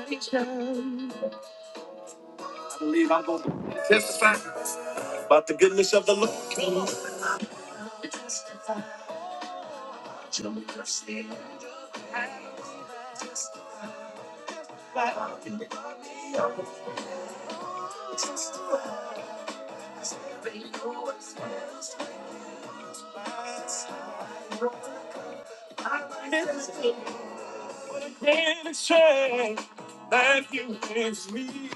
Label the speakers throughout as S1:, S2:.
S1: I believe I'm going to testify about the goodness of the Lord. Can't explain that you fix me.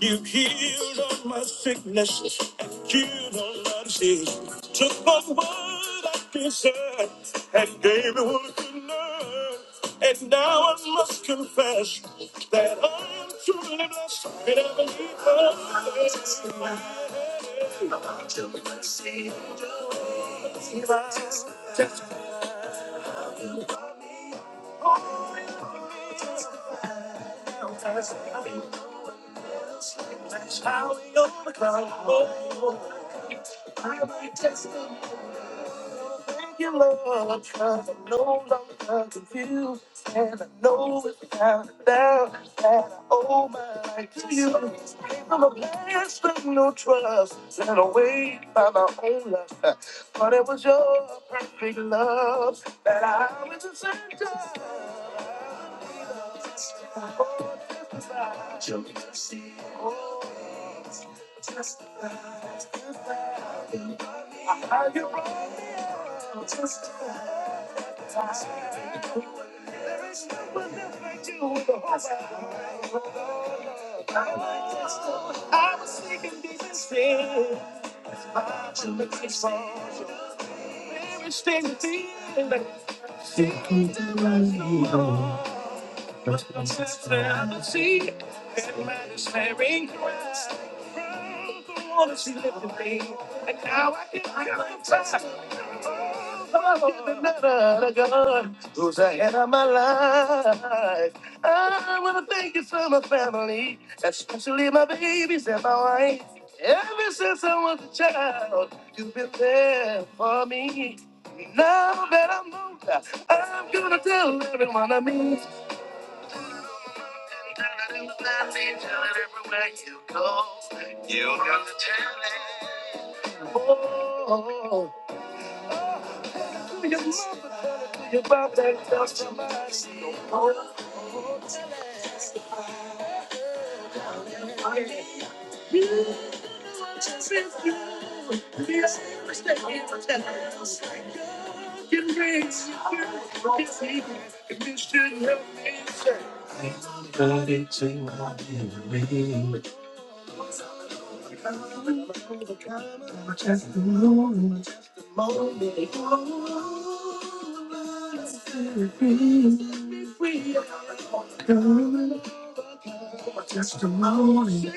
S1: You healed all my sicknesses and cured all my disease. Took my word I deserved and gave me what I could learn. And now I must confess that I am truly blessed and I believe I How we overcome. Oh, I might just thank you, Lord, 'cause I'm no longer confused. And I know without a doubt that I owe my life to you. Came from a place with no trust, led away by my own lust. But it was your perfect love that I was the center. Oh, just about your mercy. Oh, just Are you wrong? Just a time. There is no one else like you in the whole world. I was sleeping deep in sin. My religion is wrong. Everything within. There's no one but I see. And man is staring Christ. The one she lifted me. And now I can feel the touch. another gun who's ahead of my life. I want to thank you for my family, especially my babies and my wife. Ever since I was a child, you've been there for me. Now that I'm older, I'm gonna tell everyone I meet. Tell it in the valley, tell it everywhere you go. You got to tell it. Just a Testimony.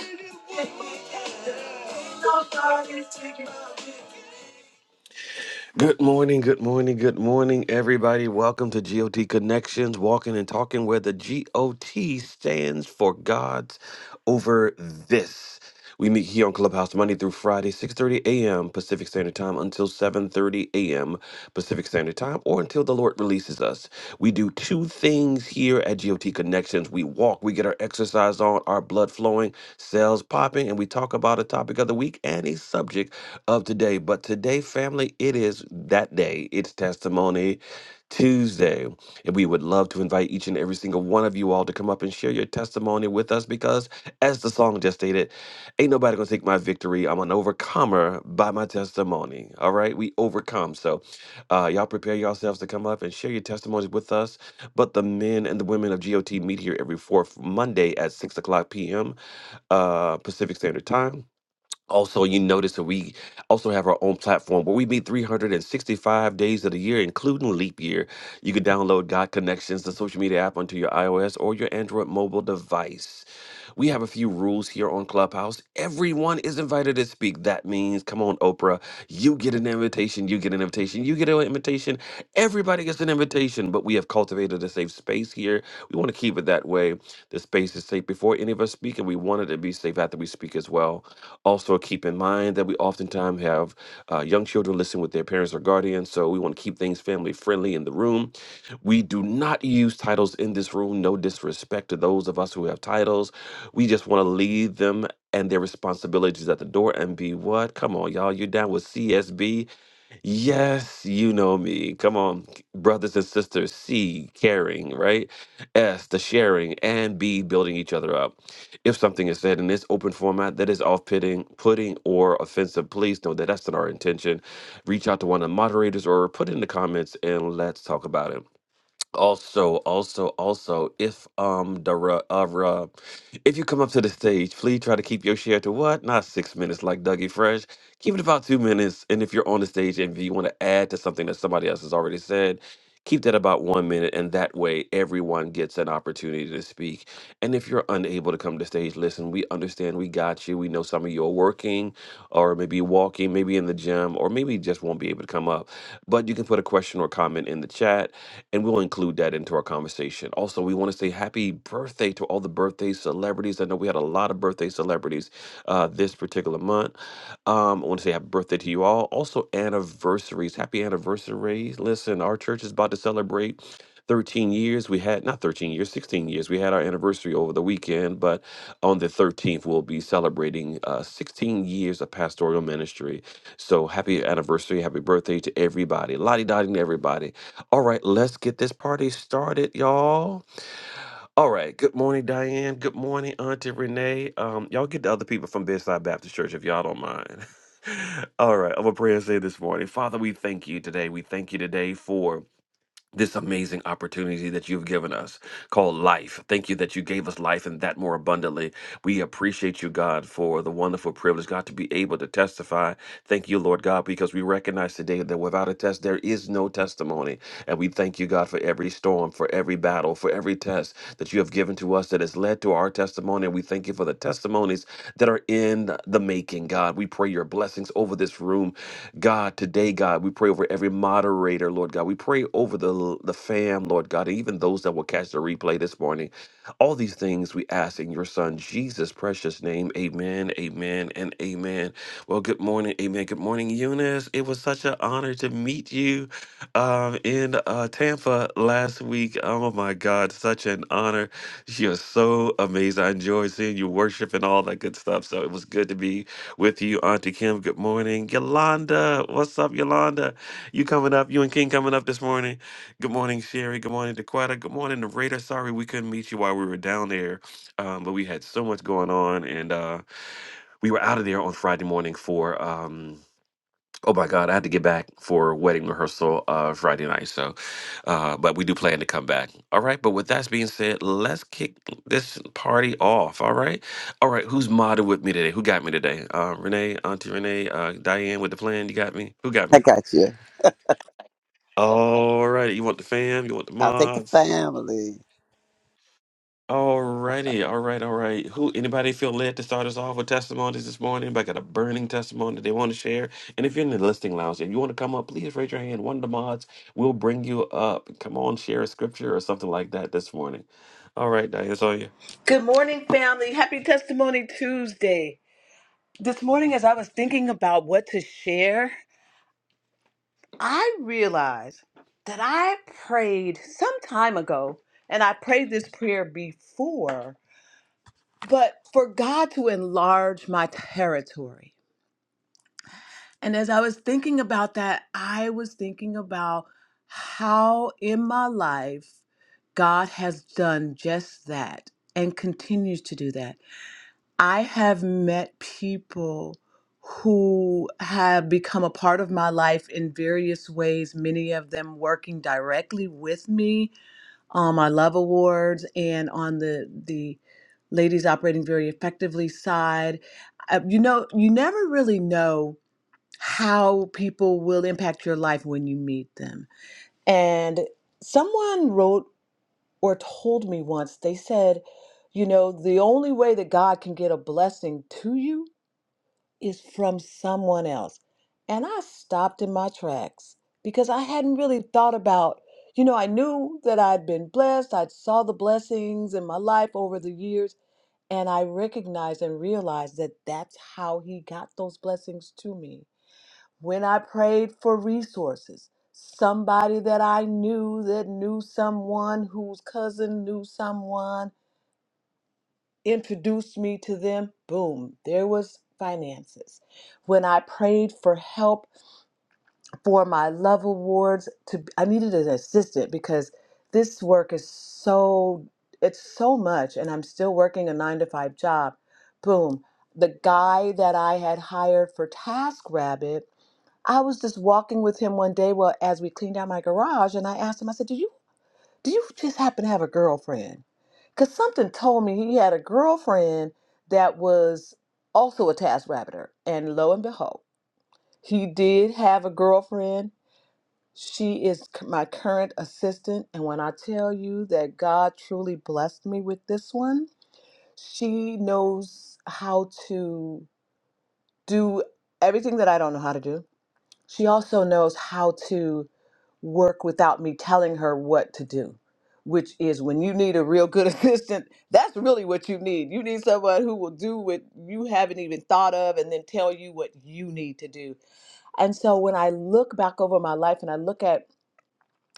S1: Good morning, good morning, good morning, everybody. Welcome to GOT Connections, walking and talking, where the GOT stands for God's over this. We meet here on Clubhouse Monday through Friday, 6:30 a.m. Pacific Standard Time until 7:30 a.m. Pacific Standard Time, or until the Lord releases us. We do two things here at GOT Connections. We walk, we get our exercise on, our blood flowing, cells popping, and we talk about a topic of the week and a subject of today. But today, family, it is that day. It's Testimony Tuesday. And we would love to invite each and every single one of you all to come up and share your testimony with us because, as the song just stated, ain't nobody gonna take my victory. I'm an overcomer by my testimony. All right, we overcome. So, uh, y'all prepare yourselves to come up and share your testimonies with us but the men and the women of GOT meet here every fourth Monday at 6 o'clock p.m. Uh, Pacific Standard Time. Also, you notice that we also have our own platform where we meet 365 days of the year, including leap year. You can download God Connections, the social media app, onto your iOS or your Android mobile device. We have a few rules here on Clubhouse. Everyone is invited to speak. That means, come on, Oprah, you get an invitation, you get an invitation invitation. You get an invitation. Everybody gets an invitation, but we have cultivated a safe space here. We want to keep it that way. The space is safe before any of us speak, and we want it to be safe after we speak as well. Also, keep in mind that we oftentimes have uh, young children listen with their parents or guardians, so we want to keep things family friendly in the room. We do not use titles in this room, no disrespect to those of us who have titles. We just want to leave them and their responsibilities at the door and be what? Come on, y'all, you're down with CSB. Yes, you know me. Come on, c- brothers and sisters. C, caring, right? S, the sharing, and B, building each other up. If something is said in this open format that is off-putting, putting, or offensive, please know that that's not our intention. Reach out to one of the moderators or put it in the comments and let's talk about it. Also, also, also, if um the ru- uh, ru- if you come up to the stage, please try to keep your share to what? Not six minutes like Dougie Fresh. Keep it about two minutes. And if you're on the stage and if you want to add to something that somebody else has already said, Keep that about one minute, and that way everyone gets an opportunity to speak. And if you're unable to come to stage, listen, we understand, we got you. We know some of you are working or maybe walking, maybe in the gym, or maybe just won't be able to come up. But you can put a question or comment in the chat, and we'll include that into our conversation. Also, we want to say happy birthday to all the birthday celebrants celebrities. I know we had a lot of birthday celebrities uh, this particular month. Um, I want to say happy birthday to you all. Also, anniversaries. Happy anniversaries. Listen, our church is about to celebrate 13 years. We had, not 13 years, 16 years. We had our anniversary over the weekend, but on the 13th, we'll be celebrating uh, 16 years of pastoral ministry. So happy anniversary. Happy birthday to everybody. Lottie dotting to everybody. All right, let's get this party started, y'all. All right. Good morning, Diane. Good morning, Auntie Renee. Um, y'all get the other people from Bedside Baptist Church if y'all don't mind. All right. I'm gonna pray and say this morning. Father, we thank you today. We thank you today for this amazing opportunity that you've given us called life. Thank you that you gave us life and that more abundantly. We appreciate you, God, for the wonderful privilege, God, to be able to testify. Thank you, Lord God, because we recognize today that without a test, there is no testimony. And we thank you, God, for every storm, for every battle, for every test that you have given to us that has led to our testimony. And we thank you for the testimonies that are in the making, God. We pray your blessings over this room, God, today, God. We pray over every moderator, prayer, Lord God. We pray over the, the fam, Lord God, even those that will catch the replay this morning. All these things we ask in your son, Jesus' precious name. Amen, amen, and amen. Well, good morning. Amen. Good morning, Eunice. It was such an honor to meet you um, in uh, Tampa last week. Oh, my God. Such an honor. You're so amazing. I enjoyed seeing you worship and all that good stuff. So it was good to be with you, Auntie Kim. Good morning. Yolanda. What's up, Yolanda? You coming up, you and King coming up this morning. Good morning, Sherry. Good morning, Dequetta. Good morning, Narrator. Sorry we couldn't meet you while we were down there, um, but we had so much going on, and uh, we were out of there on Friday morning for. Um, oh my God, I had to get back for wedding rehearsal uh, Friday night. So, uh, but we do plan to come back. All right. But with that being said, let's kick this party off. All right. All right. Who's modded with me today? Who got me today? Uh, Renee, Auntie Renee, uh, Diane with the plan. You got me. Who got
S2: I
S1: me?
S2: got you.
S1: Alrighty, you want the fam? You want the
S2: I'll take the
S1: mods?
S2: family.
S1: Alrighty, all right, all right. Who? Anybody feel led to start us off with testimonies this morning? Anybody got a burning testimony that they want to share? And if you're in the listing lounge and you want to come up, please raise your hand. One of the mods will bring you up. Come on, share a scripture or something like that this morning. All right, Diane, it's on you.
S3: Good morning, family. Happy Testimony Tuesday. This morning, as I was thinking about what to share, I realized that I prayed some time ago, and I prayed this prayer before, but for God to enlarge my territory. And as I was thinking about that, I was thinking about how in my life God has done just that and continues to do that. I have met people who have become a part of my life in various ways, many of them working directly with me on my Love Awards and on the, the Ladies Operating Very Effectively side. Uh, you know, you never really know how people will impact your life when you meet them. And someone wrote or told me once, they said, you know, the only way that God can get a blessing to you is from someone else. And I stopped in my tracks because I hadn't really thought about, you know, I knew that I'd been blessed, I'd saw the blessings in my life over the years, and I recognized and realized that that's how he got those blessings to me when I prayed for resources, somebody that I knew that knew someone whose cousin knew someone introduced me to them, boom, there was finances. When I prayed for help for my love awards to I needed an assistant because this work is so it's so much and I'm still working a 9 to 5 job. Boom, the guy that I had hired for TaskRabbit I was just walking with him one day, well, as we cleaned out my garage, and I asked him, I said, Do you do you just happen to have a girlfriend? Because something told me he had a girlfriend that was also a task-rabbiter. And lo and behold, he did have a girlfriend. She is c- my current assistant. And when I tell you that God truly blessed me with this one, she knows how to do everything that I don't know how to do. She also knows how to work without me telling her what to do, which is when you need a real good assistant, that's really what you need. You need someone who will do what you haven't even thought of and then tell you what you need to do. And so when I look back over my life and I look at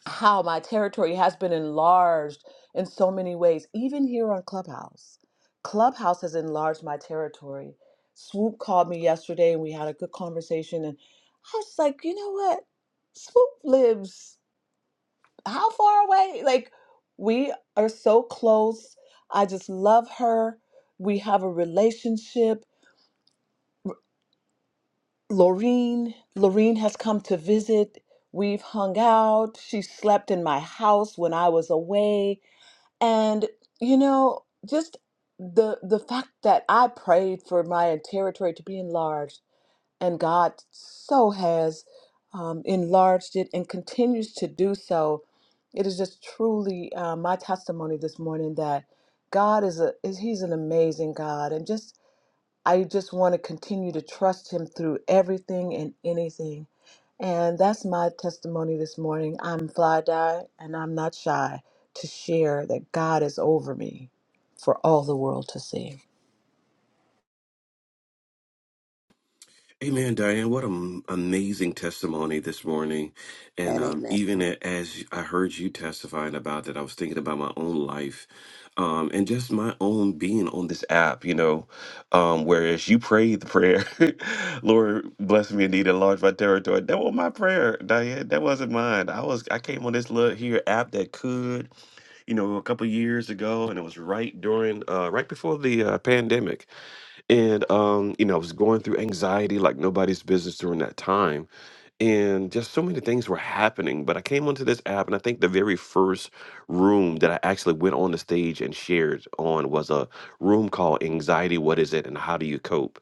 S3: how my territory has been enlarged in so many ways, even here on Clubhouse, Clubhouse has enlarged my territory. Swoop called me yesterday and we had a good conversation. And I was like, you know what? Swoop lives how far away? Like, we are so close. I just love her. We have a relationship. Lorene, Lorene has come to visit. We've hung out. She slept in my house when I was away. And, you know, just the the fact that I prayed for my territory to be enlarged and God so has um, enlarged it and continues to do so. It is just truly uh, my testimony this morning that God is a is He's an amazing God, and just I just want to continue to trust Him through everything and anything. And that's my testimony this morning. I'm fly die, and I'm not shy to share that God is over me for all the world to see.
S1: Amen, Diane. What an amazing testimony this morning. And
S2: And
S1: um,
S2: amen.
S1: even a- as I heard you testifying about that, I was thinking about my own life um, and just my own being on this app, you know, um, whereas you prayed the prayer, Lord, bless me indeed, enlarge my territory. That was my prayer, Diane. That wasn't mine. I was I came on this little here app that could, you know, a couple years ago, and it was right during, uh, right before the uh, pandemic and um, you know, I was going through anxiety like nobody's business during that time. And just so many things were happening. But I came onto this app, and I think the very first room that I actually went on the stage and shared on was a room called Anxiety What Is It and How Do You Cope?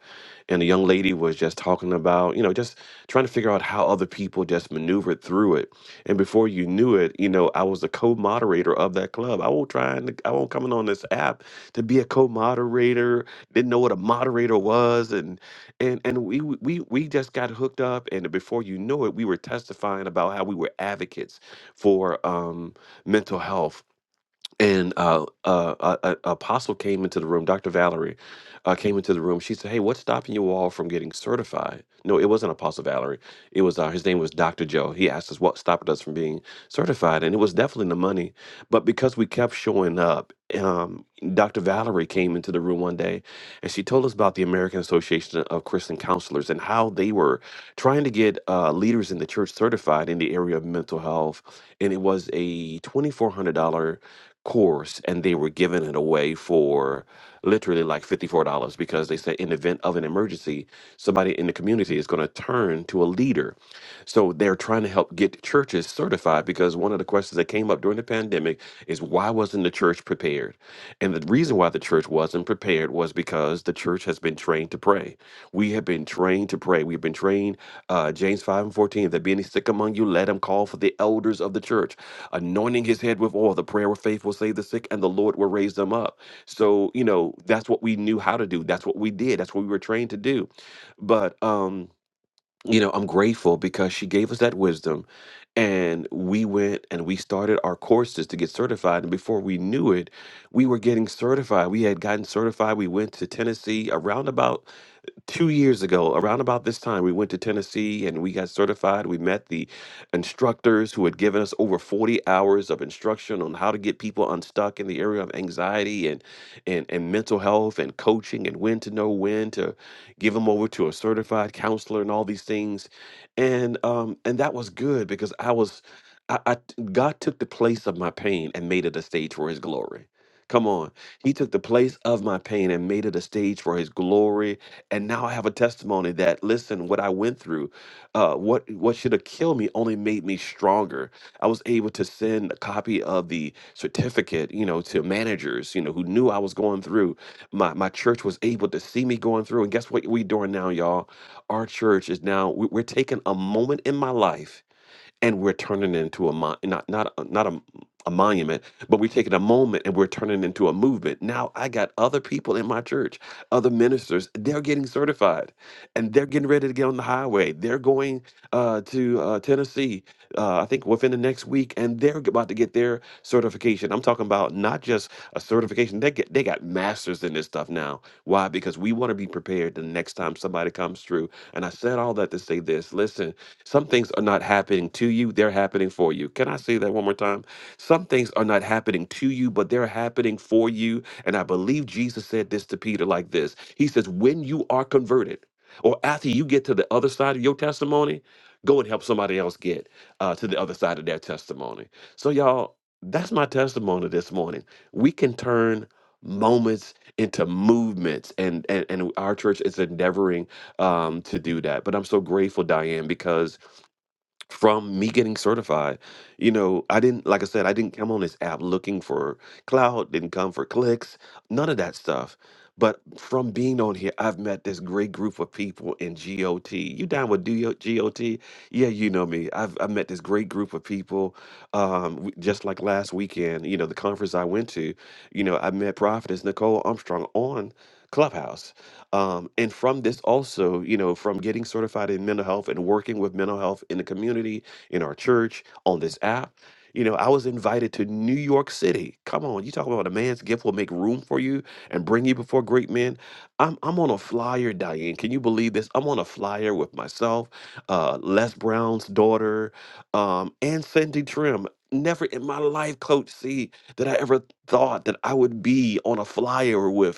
S1: And the young lady was just talking about, you know, just trying to figure out how other people just maneuvered through it and before you knew it, you know, I was the co-moderator of that club. I won't try and I won't coming on this app to be a co-moderator. Didn't know what a moderator was, and and and we we we we just got hooked up. And before you know it, we were testifying about how we were advocates for um, mental health and uh, uh, a, a a apostle came into the room. Dr. Valerie uh, came into the room. She said, "Hey, what's stopping you all from getting certified?" No, it wasn't Apostle Valerie. It was uh, his name was Dr. Joe. He asked us what stopped us from being certified, and it was definitely the money. But because we kept showing up, um, Dr. Valerie came into the room one day, and she told us about the American Association of Christian Counselors and how they were trying to get uh, leaders in the church certified in the area of mental health, and it was a twenty four hundred dollar course and they were giving it away for literally like $54 because they said in event of an emergency somebody in the community is going to turn to a leader so they're trying to help get churches certified because one of the questions that came up during the pandemic is why wasn't the church prepared and the reason why the church wasn't prepared was because the church has been trained to pray we have been trained to pray we've been trained uh, james 5 and 14 if there be any sick among you let him call for the elders of the church anointing his head with oil. The prayer of faith will save the sick, and the Lord will raise them up. So, you know, that's what we knew how to do. That's what we did. That's what we were trained to do. But, um, you know, I'm grateful because she gave us that wisdom. And we went and we started our courses to get certified. And before we knew it, we were getting certified. We had gotten certified. We went to Tennessee around about two years ago, around about this time, we went to Tennessee and we got certified. We met the instructors who had given us over 40 hours of instruction on how to get people unstuck in the area of anxiety and and, and mental health and coaching and when to know when to give them over to a certified counselor and all these things. And um and that was good because I was I, I God took the place of my pain and made it a stage for his glory. Come on. He took the place of my pain and made it a stage for his glory. And now I have a testimony that listen, what I went through, uh, what what should have killed me only made me stronger. I was able to send a copy of the certificate, you know, to managers, you know, who knew I was going through. My my church was able to see me going through. And guess what we doing now, y'all? Our church is now we- we're taking a moment in my life and we're turning it into a mon- not not uh, not a, a monument, but we're taking a moment and we're turning it into a movement. Now I got other people in my church, other ministers. They're getting certified, and they're getting ready to get on the highway. They're going uh, to uh, Tennessee, uh, I think within the next week, and they're about to get their certification. I'm talking about out not just a certification. They get they got masters in this stuff now. Why? Because we want to be prepared the next time somebody comes through. And I said all that to say this. Listen, some things are not happening to you, they're happening for you. Can I say that one more time? Some things are not happening to you, but they're happening for you. And I believe Jesus said this to Peter like this. He says, When you are converted, or after you get to the other side of your testimony, go and help somebody else get uh, to the other side of their testimony. So, y'all, that's my testimony this morning. We can turn moments into movements and and, and our church is endeavoring um to do that but i'm so grateful diane because from me getting certified. You know, I didn't, like I said, I didn't come on this app looking for cloud, didn't come for clicks, none of that stuff. But from being on here, I've met this great group of people in GOT. You down with DO GOT? Yeah, you know me. I've, I've met this great group of people. Um, w- just like last weekend, you know, the conference I went to, you know, I met Prophetess Nicole Armstrong on Clubhouse. Um, and from this also, you know, from getting certified in mental health and working with mental health in the community, in our church, on this app, you know, I was invited to New York City. Come on, you talk about a man's gift will make room for you and bring you before great men. I'm I'm on a flyer, Diane. Can you believe this? I'm on a flyer with myself, uh, Les Brown's daughter, um, and Cindy Trim. Never in my life, Coach C, that I ever thought that I would be on a flyer with.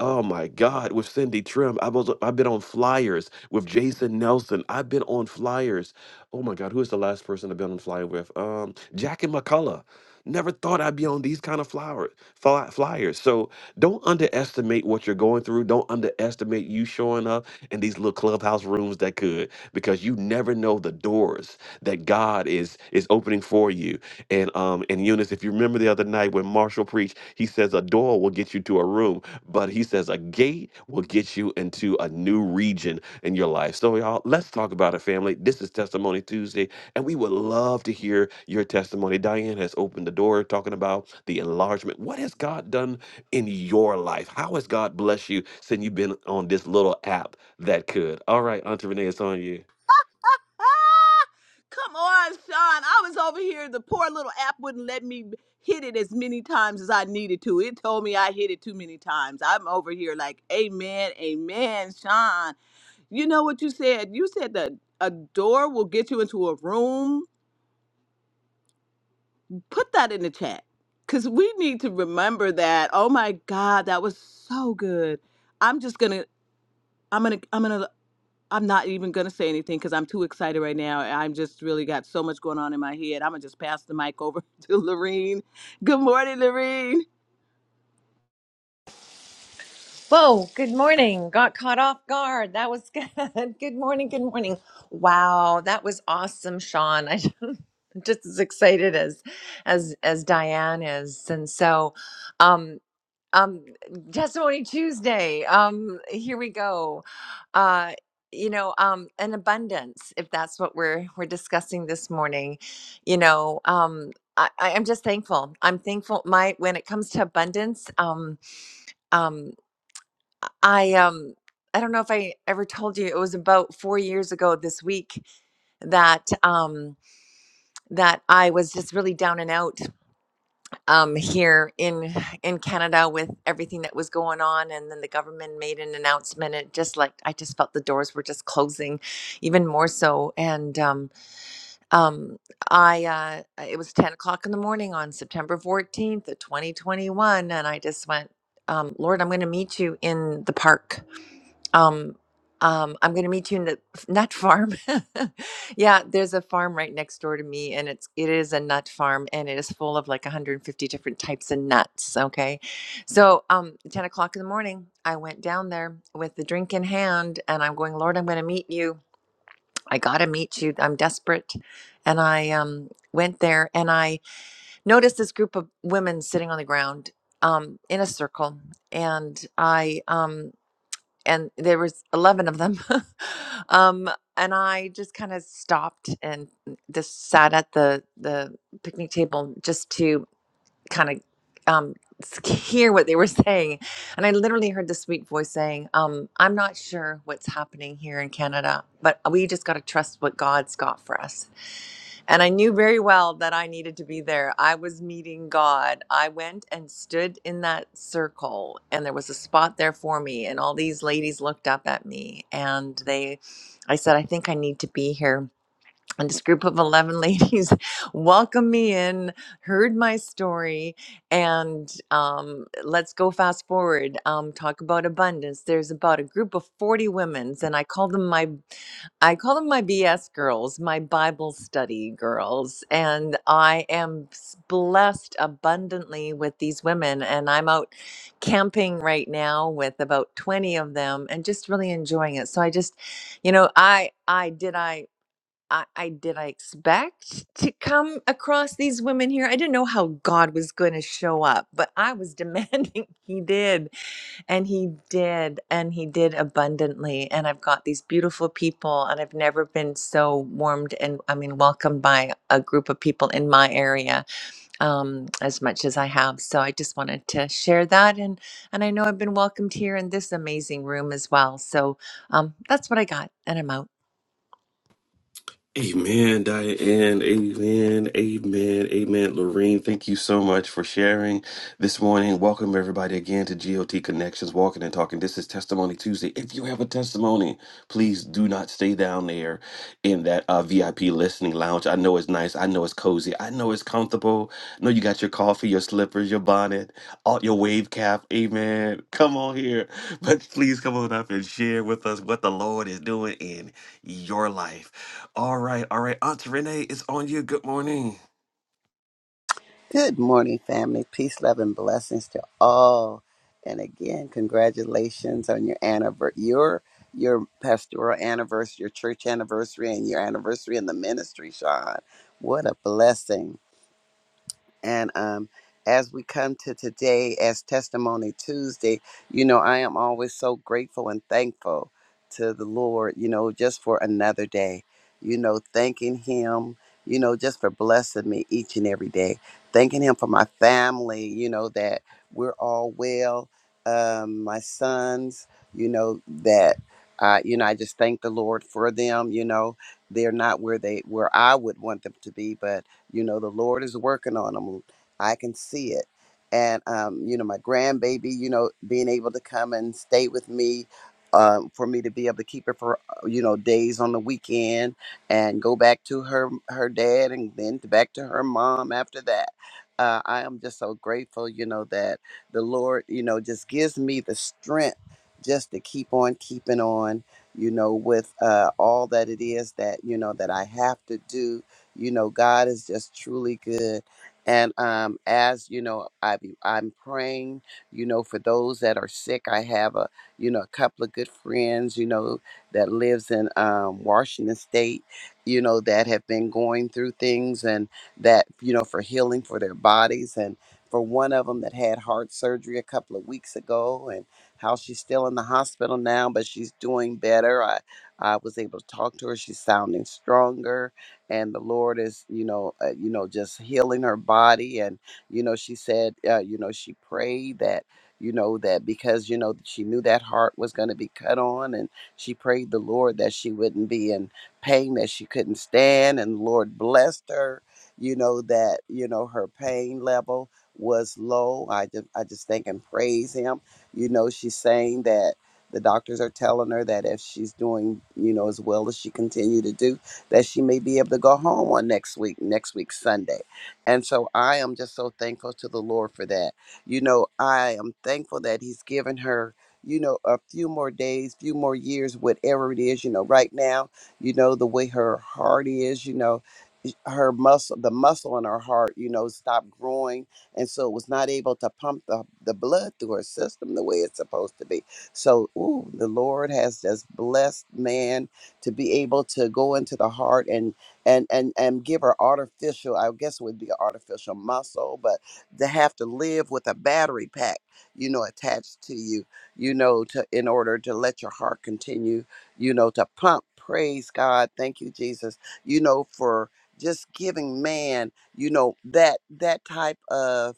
S1: Oh my God, with Cindy Trim. I was I've been on flyers with Jason Nelson. I've been on flyers. Oh my God, who is the last person I've been on flyer with? Um, Jackie McCullough. Never thought I'd be on these kind of flower fly, flyers. So don't underestimate what you're going through. Don't underestimate you showing up in these little clubhouse rooms that could, because you never know the doors that God is is opening for you. And um, um, and Eunice, if you remember the other night when Marshall preached, he says a door will get you to a room, but he says a gate will get you into a new region in your life. So, y'all, let's talk about it, family. This is Testimony Tuesday, and we would love to hear your testimony. Diane has opened the door talking about the enlargement. What has God done in your life? How has God blessed you since you've been on this little app that could? All right, Auntie Renee, it's on you.
S3: Come on, Sean. I was over here. The poor little app wouldn't let me hit it as many times as I needed to. It told me I hit it too many times. I'm over here like, Amen, Amen, Sean. You know what you said? You said that a door will get you into a room. Put that in the chat because we need to remember that. Oh my God, that was so good. I'm just gonna. I'm gonna. I'm gonna. I'm not even going to say anything because I'm too excited right now. I'm just really got so much going on in my head. I'm going to just pass the mic over to Lorene. Good morning, Lorene.
S4: Whoa, good morning. Got caught off guard. That was good. Good morning. Good morning. Wow, that was awesome, Sean. I am just as excited as as as Diane is. And so um um testimony Tuesday. Um here we go. Uh you know, um an abundance if that's what we're we're discussing this morning. You know, um I, I- I'm just thankful. I'm thankful. My when it comes to abundance, um, um, I um I don't know if I ever told you it was about 4 years ago this week that um that I was just really down and out um here in in Canada with everything that was going on and then the government made an announcement and it just like I just felt the doors were just closing even more so and um um I uh it was 10 o'clock in the morning on September 14th of 2021 and I just went um Lord I'm going to meet you in the park um um i'm going to meet you in the nut farm yeah there's a farm right next door to me and it's it is a nut farm and it is full of like 150 different types of nuts okay so um 10 o'clock in the morning i went down there with the drink in hand and i'm going lord i'm going to meet you i gotta meet you i'm desperate and i um went there and i noticed this group of women sitting on the ground um in a circle and i um and there was 11 of them um and i just kind of stopped and just sat at the the picnic table just to kind of um s- hear what they were saying and i literally heard the sweet voice saying um i'm not sure what's happening here in canada but we just got to trust what god's got for us and I knew very well that I needed to be there. I was meeting God. I went and stood in that circle, and there was a spot there for me. And all these ladies looked up at me, and they, I said, I think I need to be here and this group of 11 ladies welcomed me in heard my story and um, let's go fast forward um, talk about abundance there's about a group of 40 women, and i call them my i call them my bs girls my bible study girls and i am s- blessed abundantly with these women and i'm out camping right now with about 20 of them and just really enjoying it so i just you know i i did i I, I did I expect to come across these women here. I didn't know how God was going to show up, but I was demanding he did, and he did, and he did abundantly. And I've got these beautiful people, and I've never been so warmed and I mean welcomed by a group of people in my area um, as much as I have. So I just wanted to share that, and and I know I've been welcomed here in this amazing room as well. So um, that's what I got, and I'm out.
S1: Amen, Diane. Amen. Amen. Amen. Lorene, thank you so much for sharing this morning. Welcome everybody again to GOT Connections, Walking and Talking. This is Testimony Tuesday. If you have a testimony, please do not stay down there in that uh, VIP listening lounge. I know it's nice. I know it's cozy. I know it's comfortable. I know you got your coffee, your slippers, your bonnet, all your wave cap. Amen. Come on here. But please come on up and share with us what the Lord is doing in your life. All right. All right. Auntie Renee, it's on you. Good morning.
S2: Good morning, family. Peace, love, and blessings to all. And again, congratulations on your anniversary, your your pastoral anniversary, your church anniversary, and your anniversary in the ministry, Sean. What a blessing. And um, as we come to today as Testimony Tuesday, you know, I am always so grateful and thankful to the Lord, you know, just for another day, you know, thanking Him, you know, just for blessing me each and every day, thanking Him for my family, you know, that we're all well, um, my sons, you know, that. Uh, you know, I just thank the Lord for them. You know, they're not where they where I would want them to be, but you know, the Lord is working on them. I can see it. And, um, you know, my grandbaby, you know, being able to come and stay with me um, for me to be able to keep her for, uh, you know, days on the weekend and go back to her, her dad and then to back to her mom after that. Uh, I am just so grateful, you know, that the Lord, you know, just gives me the strength just to keep on keeping on you know, with uh, all that it is that, you know, that I have to do you know, God is just truly good. And um, as you know, I be, I'm praying. You know, for those that are sick, I have a you know a couple of good friends. You know that lives in um, Washington State. You know that have been going through things and that you know for healing for their bodies and for one of them that had heart surgery a couple of weeks ago and how she's still in the hospital now but she's doing better i i was able to talk to her she's sounding stronger and the Lord is, you know, uh, you know, just healing her body. And you know, she said, uh, you know, she prayed that, you know, that because you know she knew that heart was going to be cut on, and she prayed the Lord that she wouldn't be in pain, that she couldn't stand, and the Lord blessed her. You know that you know her pain level was low. I just I just thank and praise Him. You know, she's saying that the doctors are telling her that if she's doing you know as well as she continue to do that she may be able to go home on next week, next week Sunday. And so I am just so thankful to the Lord for that. You know, I am thankful that He's given her, you know, a few more days, few more years, whatever it is, you know, right now, you know, the way her heart is, you know, her muscle the muscle in her heart you know stopped growing and so it was not able to pump the, the blood through her system the way it's supposed to be so ooh, the lord has just blessed man to be able to go into the heart and and and and give her artificial i guess it would be an artificial muscle but to have to live with a battery pack you know attached to you you know to in order to let your heart continue you know to pump praise god thank you jesus you know for just giving man you know that that type of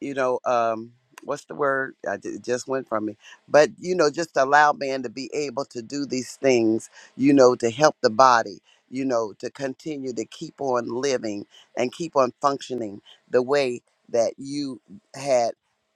S2: you know, um, what's the word? I, ju- it just went from me. But you know, just allow man to be able to do these things you know, to help the body, you know, to continue to keep on living and keep on functioning the way that you had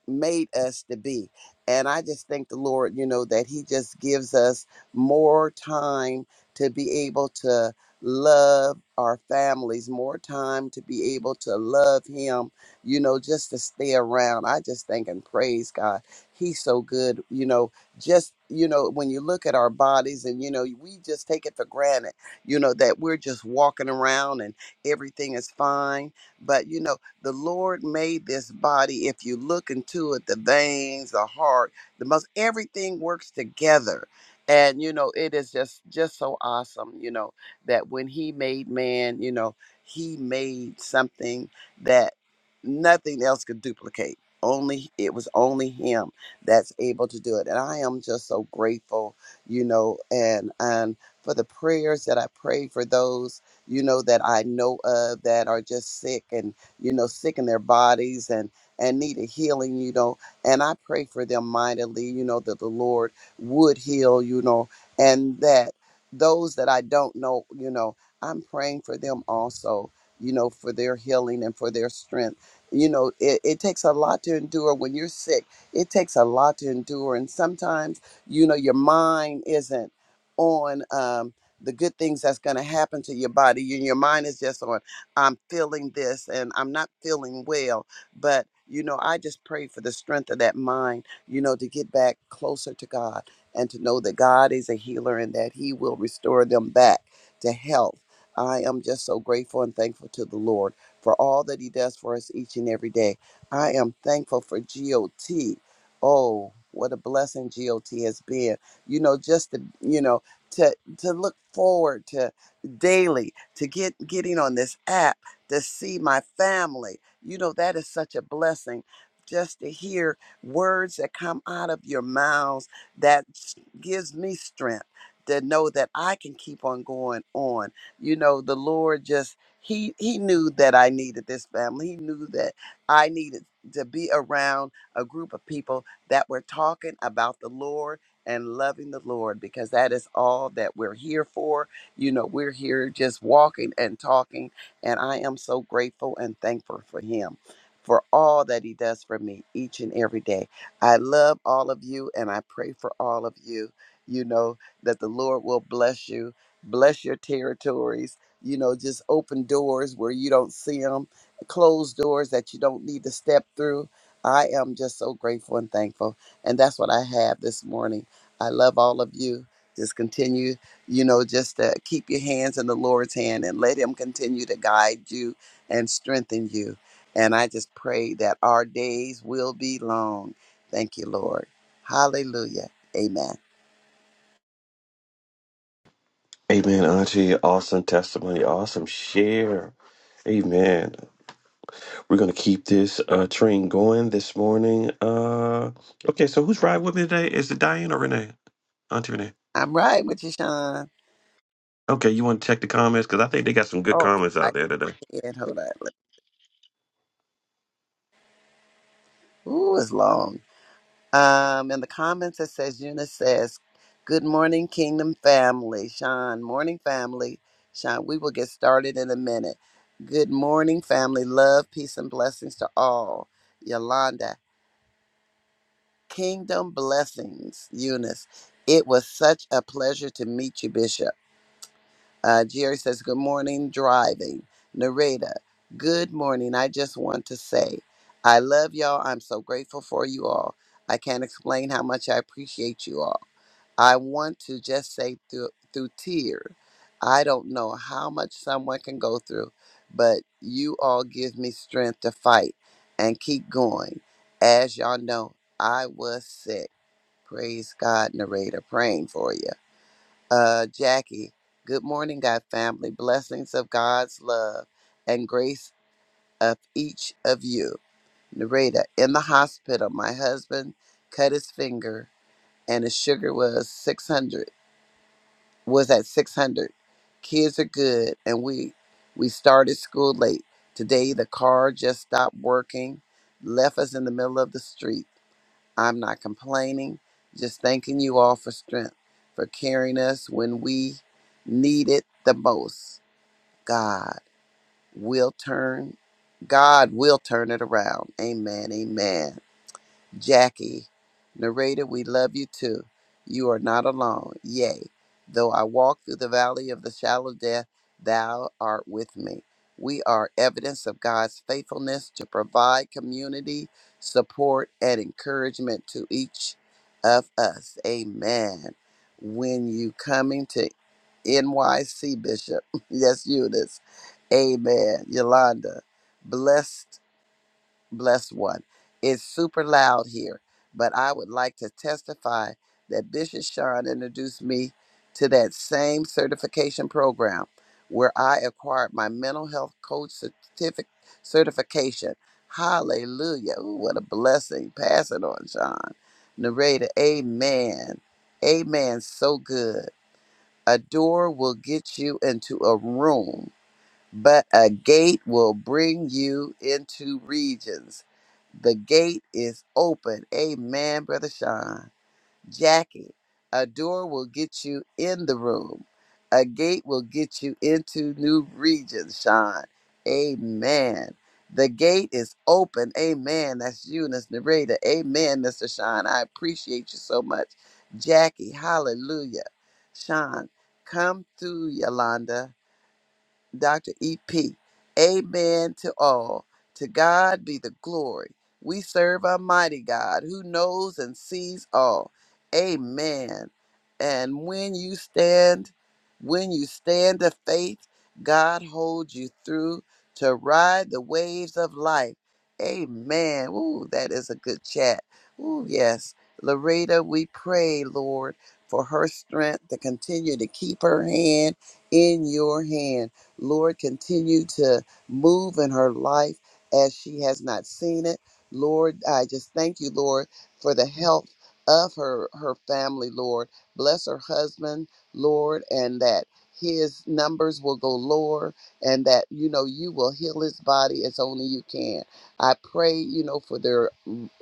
S2: made us to be. And I just thank the Lord, you know, that He just gives us more time to be able to love our families, more time to be able to love Him, you know, just to stay around. I just thank and praise God. He's so good, you know just you know when you look at our bodies and you know we just take it for granted you know that we're just walking around and everything is fine but you know the lord made this body if you look into it the veins the heart the most everything works together and you know it is just just so awesome you know that when he made man you know he made something that nothing else could duplicate only it was only him that's able to do it. And I am just so grateful, you know, and and for the prayers that I pray for those, you know, that I know of that are just sick and, you know, sick in their bodies and and need a healing, you know. And I pray for them mightily, you know, that the Lord would heal, you know, and that those that I don't know, you know, I'm praying for them also, you know, for their healing and for their strength. You know, it, it takes a lot to endure when you're sick it takes a lot to endure. And sometimes, you know, your mind isn't on um, the good things that's going to happen to your body. You, your mind is just on, I'm feeling this and I'm not feeling well. But, you know, I just pray for the strength of that mind, you know, to get back closer to God and to know that God is a healer and that He will restore them back to health. I am just so grateful and thankful to the Lord for all that He does for us each and every day. I am thankful for GOT. Oh, what a blessing GOT has been. You know, just to, you know, to to look forward to daily, to get getting on this app, to see my family. You know, that is such a blessing. Just to hear words that come out of your mouths that s- gives me strength to know that I can keep on going on. You know, the Lord just he he knew that I needed this family. He knew that I needed to be around a group of people that we're talking about the Lord and loving the Lord because that is all that we're here for. You know, we're here just walking and talking, and I am so grateful and thankful for Him. For all that he does for me each and every day. I love all of you and I pray for all of you. You know, that the Lord will bless you, bless your territories, you know, just open doors where you don't see them, closed doors that you don't need to step through. I am just so grateful and thankful. And that's what I have this morning. I love all of you. Just continue, you know, just to keep your hands in the Lord's hand and let Him continue to guide you and strengthen you. And I just pray that our days will be long. Thank you, Lord. Hallelujah. Amen.
S1: Amen, Auntie. Awesome testimony. Awesome share. Amen. We're gonna keep this uh, train going this morning. Uh, okay, so who's riding with me today? Is it Diane or Renee? Auntie Renee.
S2: I'm right with you, Sean.
S1: Okay, you want to check the comments because I think they got some good
S2: Okay,
S1: comments
S2: I
S1: out there today.
S2: can. Hold on. Ooh, it's long. Um, in the comments, it says Eunice says, "Good morning, Kingdom family." Sean, morning family. Sean, we will get started in a minute. Good morning, family. Love, peace, and blessings to all. Yolanda, Kingdom blessings. Eunice, it was such a pleasure to meet you, Bishop. Uh, Jerry says, "Good morning, driving." Narita, good morning. I just want to say, I love y'all. I'm so grateful for you all. I can't explain how much I appreciate you all. I want to just say through through tears. I don't know how much someone can go through, but you all give me strength to fight and keep going. As y'all know, I was sick. Praise God, narrator, praying for you. Uh, Jackie, good morning, God family. Blessings of God's love and grace of each of you. Narrator, in the hospital, my husband cut his finger and his sugar was 600 was at 600. Kids are good, and we we started school late. Today the car just stopped working, left us in the middle of the street. I'm not complaining, just thanking you all for strength, for carrying us when we need it the most. God will turn, God will turn it around. Amen. Amen. Jackie, narrator, we love you too. You are not alone. Yea, though I walk through the valley of the shadow of death, thou art with me. We are evidence of God's faithfulness to provide community, support, and encouragement to each of us. Amen. When you coming to NYC Bishop, yes, Eunice. Amen. Yolanda, blessed Bless one. It's super loud here, but I would like to testify that Bishop Sean introduced me to that same certification program where I acquired my mental health coach certific- certification. Hallelujah. Ooh, what a blessing. Pass it on, Sean. Narrator, amen. Amen. So good. A door will get you into a room but a gate will bring you into regions. The gate is open. Amen, Brother Sean. Jackie, a door will get you in the room. A gate will get you into new regions, Sean. Amen. The gate is open. Amen. That's you and this narrator. Amen, Mr. Sean. I appreciate you so much. Jackie, hallelujah. Sean, come through, Yolanda. Dr. EP. Amen to all. To God be the glory. We serve a mighty God who knows and sees all. Amen. And when you stand, when you stand of faith, God holds you through to ride the waves of life. Amen. Ooh, that is a good chat. Ooh, yes. Loretta, we pray, Lord, for her strength to continue to keep her hand in your hand. Lord, continue to move in her life as she has not seen it. Lord, I just thank you, Lord, for the health of her her family, Lord. Bless her husband, Lord, and that his numbers will go lower and that you know you will heal his body as only you can. I pray, you know, for their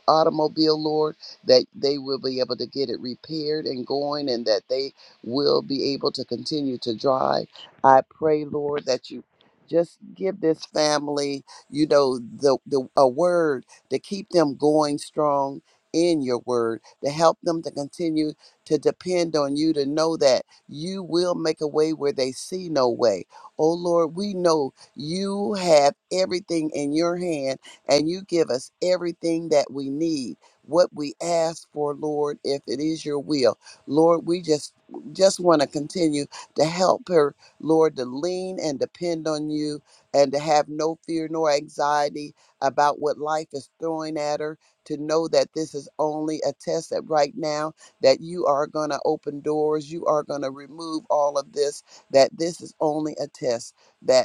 S2: automobile, Lord, that they will be able to get it repaired and going and that they will be able to continue to drive. I pray, Lord, that you just give this family, you know, the, the a word to keep them going strong in your word, to help them to continue to depend on you, to know that you will make a way where they see no way. Oh Lord, we know you have everything in your hand and you give us everything that we need. What we ask for, Lord, if it is your will. Lord, we just just want to continue to help her Lord, to lean and depend on you and to have no fear nor anxiety about what life is throwing at her, to know that this is only a test that right now that you are going to open doors, you are going to remove all of this, that this is only a test, That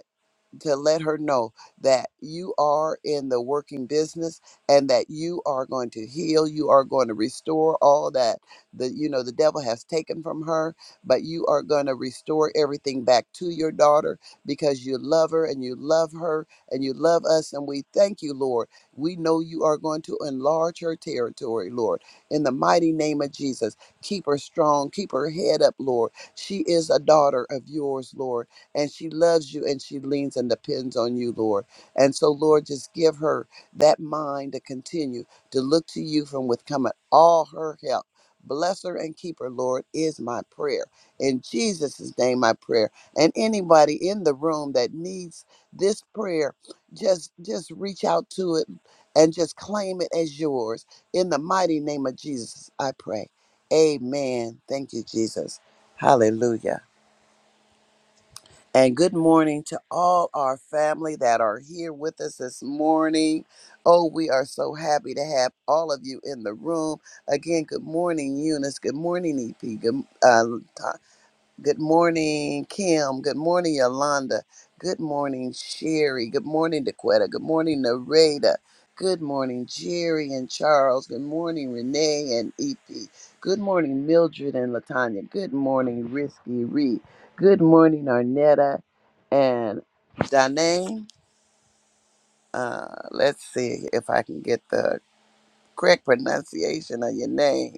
S2: to let her know that you are in the working business and that you are going to heal you are going to restore all that the you know the devil has taken from her but you are going to restore everything back to your daughter because you love her and you love her and you love us and we thank you lord we know you are going to enlarge her territory lord in the mighty name of jesus keep her strong keep her head up lord she is a daughter of yours lord and she loves you and she leans and depends on you, Lord. And so, Lord, just give her that mind to continue to look to you from with coming all her help. Bless her and keep her, Lord, is my prayer. In Jesus' name, my prayer. And anybody in the room that needs this prayer, just just reach out to it and just claim it as yours. In the mighty name of Jesus, I pray. Amen. Thank you, Jesus. Hallelujah. And good morning to all our family that are here with us this morning. Oh, we are so happy to have all of you in the room. Again, good morning, Eunice. Good morning, EP. Good, uh, Good morning, Kim. Good morning, Yolanda. Good morning, Sherry. Good morning, Daquetta. Good morning, Nareda. Good morning, Jerry and Charles. Good morning, Renee and Epi. Good morning, Mildred and Latanya. Good morning, Risky Reed. Good morning, Arnetta and Danae. Uh, let's see if I can get the correct pronunciation of your name.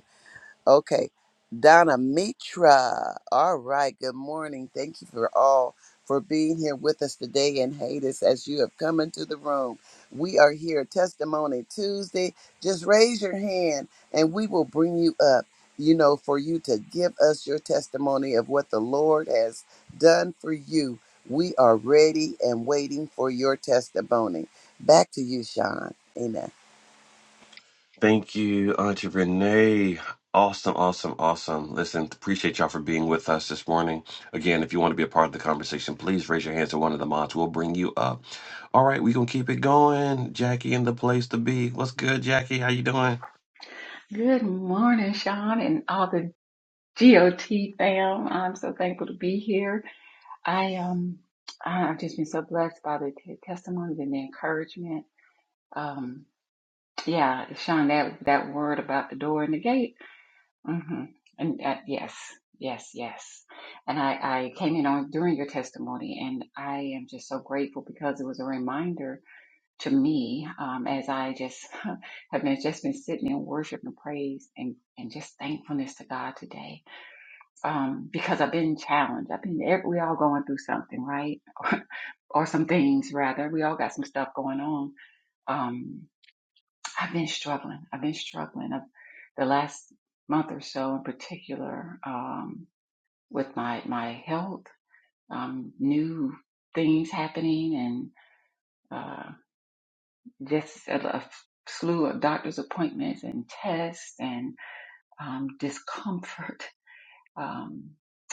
S2: Okay. Donna Mitra. All right. Good morning. Thank you for all for being here with us today and haters as you have come into the room. We are here, Testimony Tuesday. Just raise your hand and we will bring you up, you know, for you to give us your testimony of what the Lord has done for you. We are ready and waiting for your testimony. Back to you, Sean. Amen.
S1: Thank you, Auntie Renee. Awesome, awesome, awesome. Listen, appreciate y'all for being with us this morning. Again, if you want to be a part of the conversation, please raise your hands to one of the mods. We'll bring you up. All right, we gonna keep it going. Jackie in the place to be. What's good, Jackie? How you doing?
S5: Good morning, Sean, and all the GOT fam. I'm so thankful to be here. I um, I- I've just been so blessed by the t- testimonies and the encouragement. Um, yeah, Sean, that that word about the door and the gate. hmm And uh, yes, yes, yes. And I I came in on during your testimony, and I am just so grateful because it was a reminder to me um, as I just have been just been sitting in worship and praise and, and just thankfulness to God today um, because I've been challenged. I've been every, we all going through something, right? or some things rather. We all got some stuff going on. Um, I've been struggling. I've been struggling. I've, the last month or so, in particular, um, with my my health, um, new things happening just a, a slew of doctor's appointments and tests and um, discomfort. Um,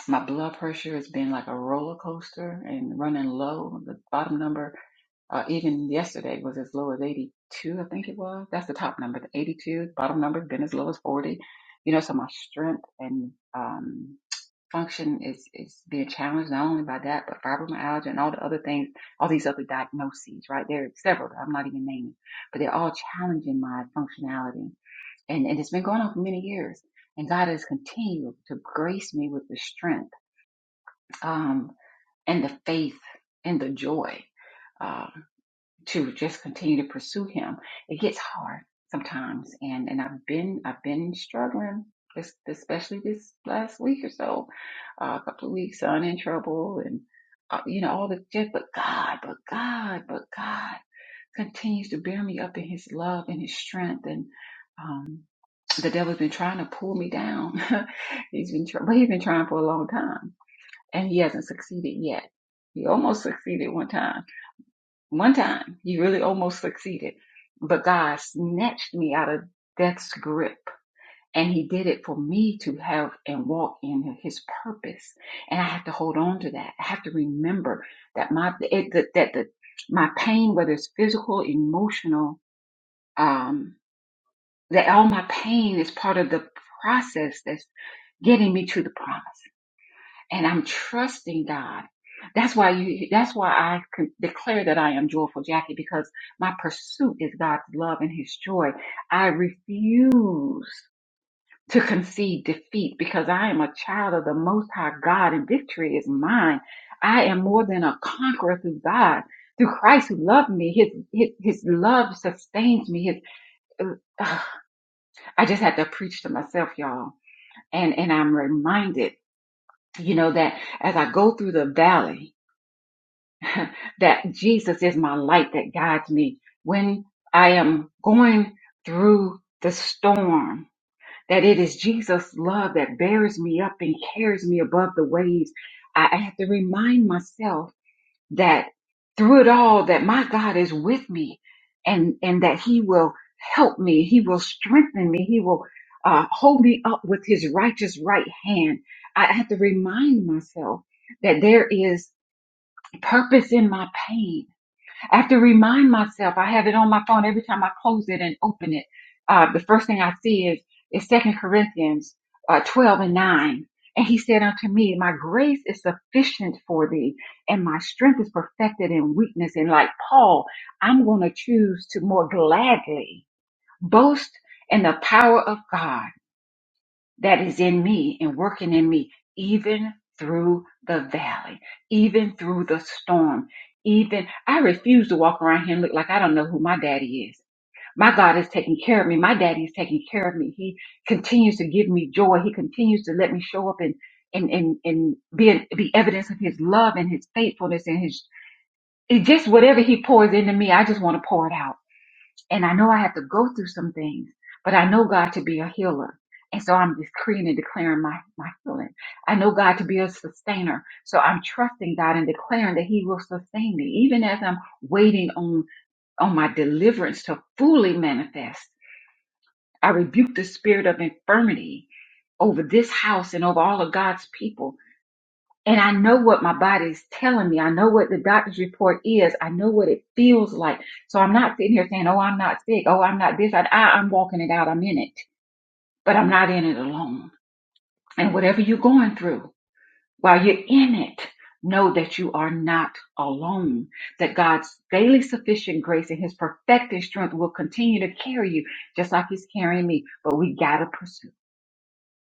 S5: my blood pressure has been like a roller coaster and running low. The bottom number, uh, even yesterday, was as low as 82, I think it was. That's the top number, the 82. Bottom number has been as low as 40. You know, so my strength and um, function is is being challenged not only by that, but fibromyalgia and all the other things, all these other diagnoses, right? There are several that I'm not even naming, but they're all challenging my functionality. And, and it's been going on for many years. And God has continued to grace me with the strength um, and the faith and the joy. Uh, to just continue to pursue him. It gets hard sometimes and and I've been I've been struggling this especially this last week or so, uh, a couple of weeks I'm in trouble and uh, you know all the just but God, but God, but God continues to bear me up in his love and his strength and um the devil's been trying to pull me down. he's been try- but he's been trying for a long time and he hasn't succeeded yet. He almost succeeded one time one time, you really almost succeeded, but God snatched me out of death's grip. And he did it for me to have and walk in his purpose. And I have to hold on to that. I have to remember that my, it, that, that the, my pain, whether it's physical, emotional, um, that all my pain is part of the process that's getting me to the promise and I'm trusting God. That's why you, that's why I can declare that I am joyful, Jackie, because my pursuit is God's love and his joy. I refuse to concede defeat because I am a child of the most high God and victory is mine. I am more than a conqueror through God, through Christ who loved me. His, his, his love sustains me. His, uh, ugh, I just had to preach to myself, y'all. And, and I'm reminded, you know, that as I go through the valley, that Jesus is my light that guides me when I am going through the storm, that it is Jesus' love that bears me up and carries me above the waves. I I have to remind myself that through it all, that my God is with me and, and that he will help me. He will strengthen me. He will uh, hold me up with his righteous right hand. I I have to remind myself that there is purpose in my pain I have to remind myself. I have it on my phone every time I close it and open it. Uh, the first thing I see is is Second Corinthians uh, twelve and nine, and he said unto me, My grace is sufficient for thee, and my strength is perfected in weakness. And like Paul, I'm going to choose to more gladly boast in the power of God that is in me and working in me, even through the valley, even through the storm, even I refuse to walk around here and look like I don't know who my daddy is. My God is taking care of me. My daddy is taking care of me. He continues to give me joy. He continues to let me show up and and and, and be an, be evidence of his love and his faithfulness and his it just whatever he pours into me, I just want to pour it out. And I know I have to go through some things, but I know God to be a healer. And so I'm decreeing and declaring my, my healing. I know God to be a sustainer. So I'm trusting God and declaring that He will sustain me. Even as I'm waiting on, on my deliverance to fully manifest, I rebuke the spirit of infirmity over this house and over all of God's people and I know what my body is telling me. I know what the doctor's report is. I know what it feels like. So I'm not sitting here saying, oh, I'm not sick. Oh, I'm not this. I, I, I'm walking it out. I'm in it, but I'm not in it alone. And whatever you're going through while you're in it, know that you are not alone, that God's daily sufficient grace and his perfecting strength will continue to carry you just like he's carrying me. But we got to pursue.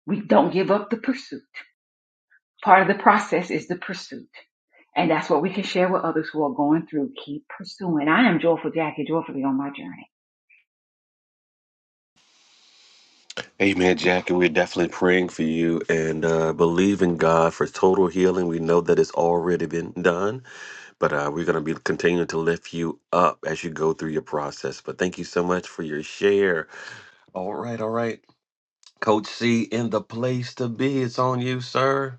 S5: We don't give up the pursuit. Part of the process is the pursuit. And that's what we can share with others who are going through. Keep pursuing. I am joyful Jackie, joyfully on my journey.
S1: Amen, Jackie. We're definitely praying for you and uh, believe in God for total healing. We know that it's already been done, but uh, we're going to be continuing to lift you up as you go through your process. But thank you so much for your share. All right, all right. Coach C, in the place to be, it's on you, sir.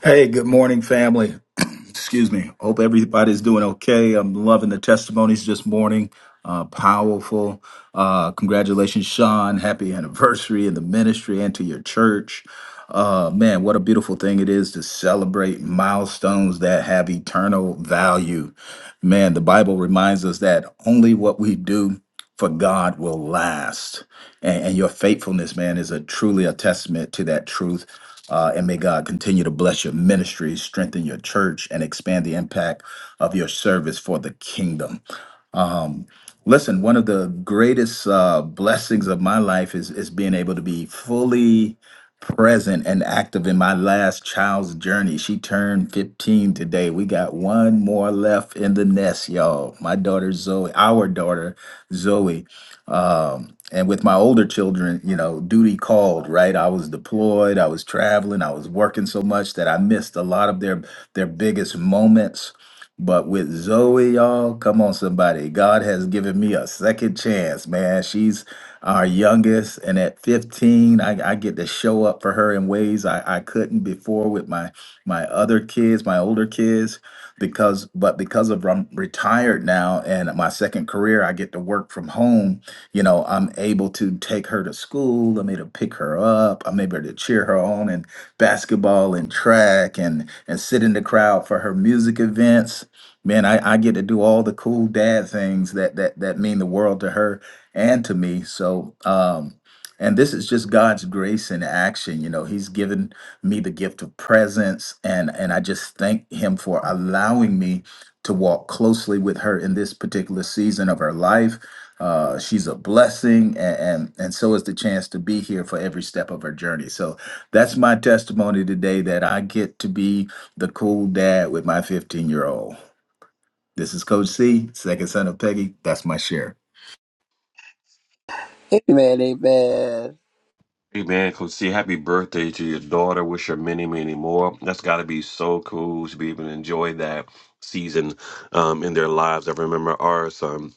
S6: Hey, good morning, family. Excuse me. Hope everybody's doing okay. I'm loving the testimonies this morning. Uh, powerful. Uh, congratulations, Sean. Happy anniversary in the ministry and to your church. Uh, man, what a beautiful thing it is to celebrate milestones that have eternal value. Man, the Bible reminds us that only what we do for God will last and, and your faithfulness, man, is a truly a testament to that truth. Uh, and may God continue to bless your ministry, strengthen your church, and expand the impact of your service for the kingdom. Listen, one of the greatest uh, blessings of my life is is being able to be fully present and active in my last child's journey. She turned 15 today. We got one more left in the nest, y'all. My daughter Zoe, our daughter Zoe. Um, and with my older children, you know, duty called, right? I was deployed, I was traveling, I was working so much that I missed a lot of their their biggest moments but with Zoe, y'all, come on, somebody. God has given me a second chance, man. She's our youngest, and at 15, I, I get to show up for her in ways I, I couldn't before with my my other kids, my older kids, because but because of I'm retired now and my second career, I get to work from home. You know, I'm able to take her to school. I'm able to pick her up. I'm able to cheer her on in basketball and track and and sit in the crowd for her music events man, I, I get to do all the cool dad things that that that mean the world to her and to me. So um and this is just God's grace in action. You know, He's given me the gift of presence, and and I just thank Him for allowing me to walk closely with her in this particular season of her life. Uh, she's a blessing, and, and and so is the chance to be here for every step of her journey. So that's my testimony today that I get to be the cool dad with my 15 year old. This is Coach C, second son of Peggy. That's my share.
S2: Amen, amen.
S1: Amen, Coach C. Happy birthday to your daughter. Wish her many, many more. That's got to be so cool to be able to enjoy that season um, in their lives. I remember ours. Um,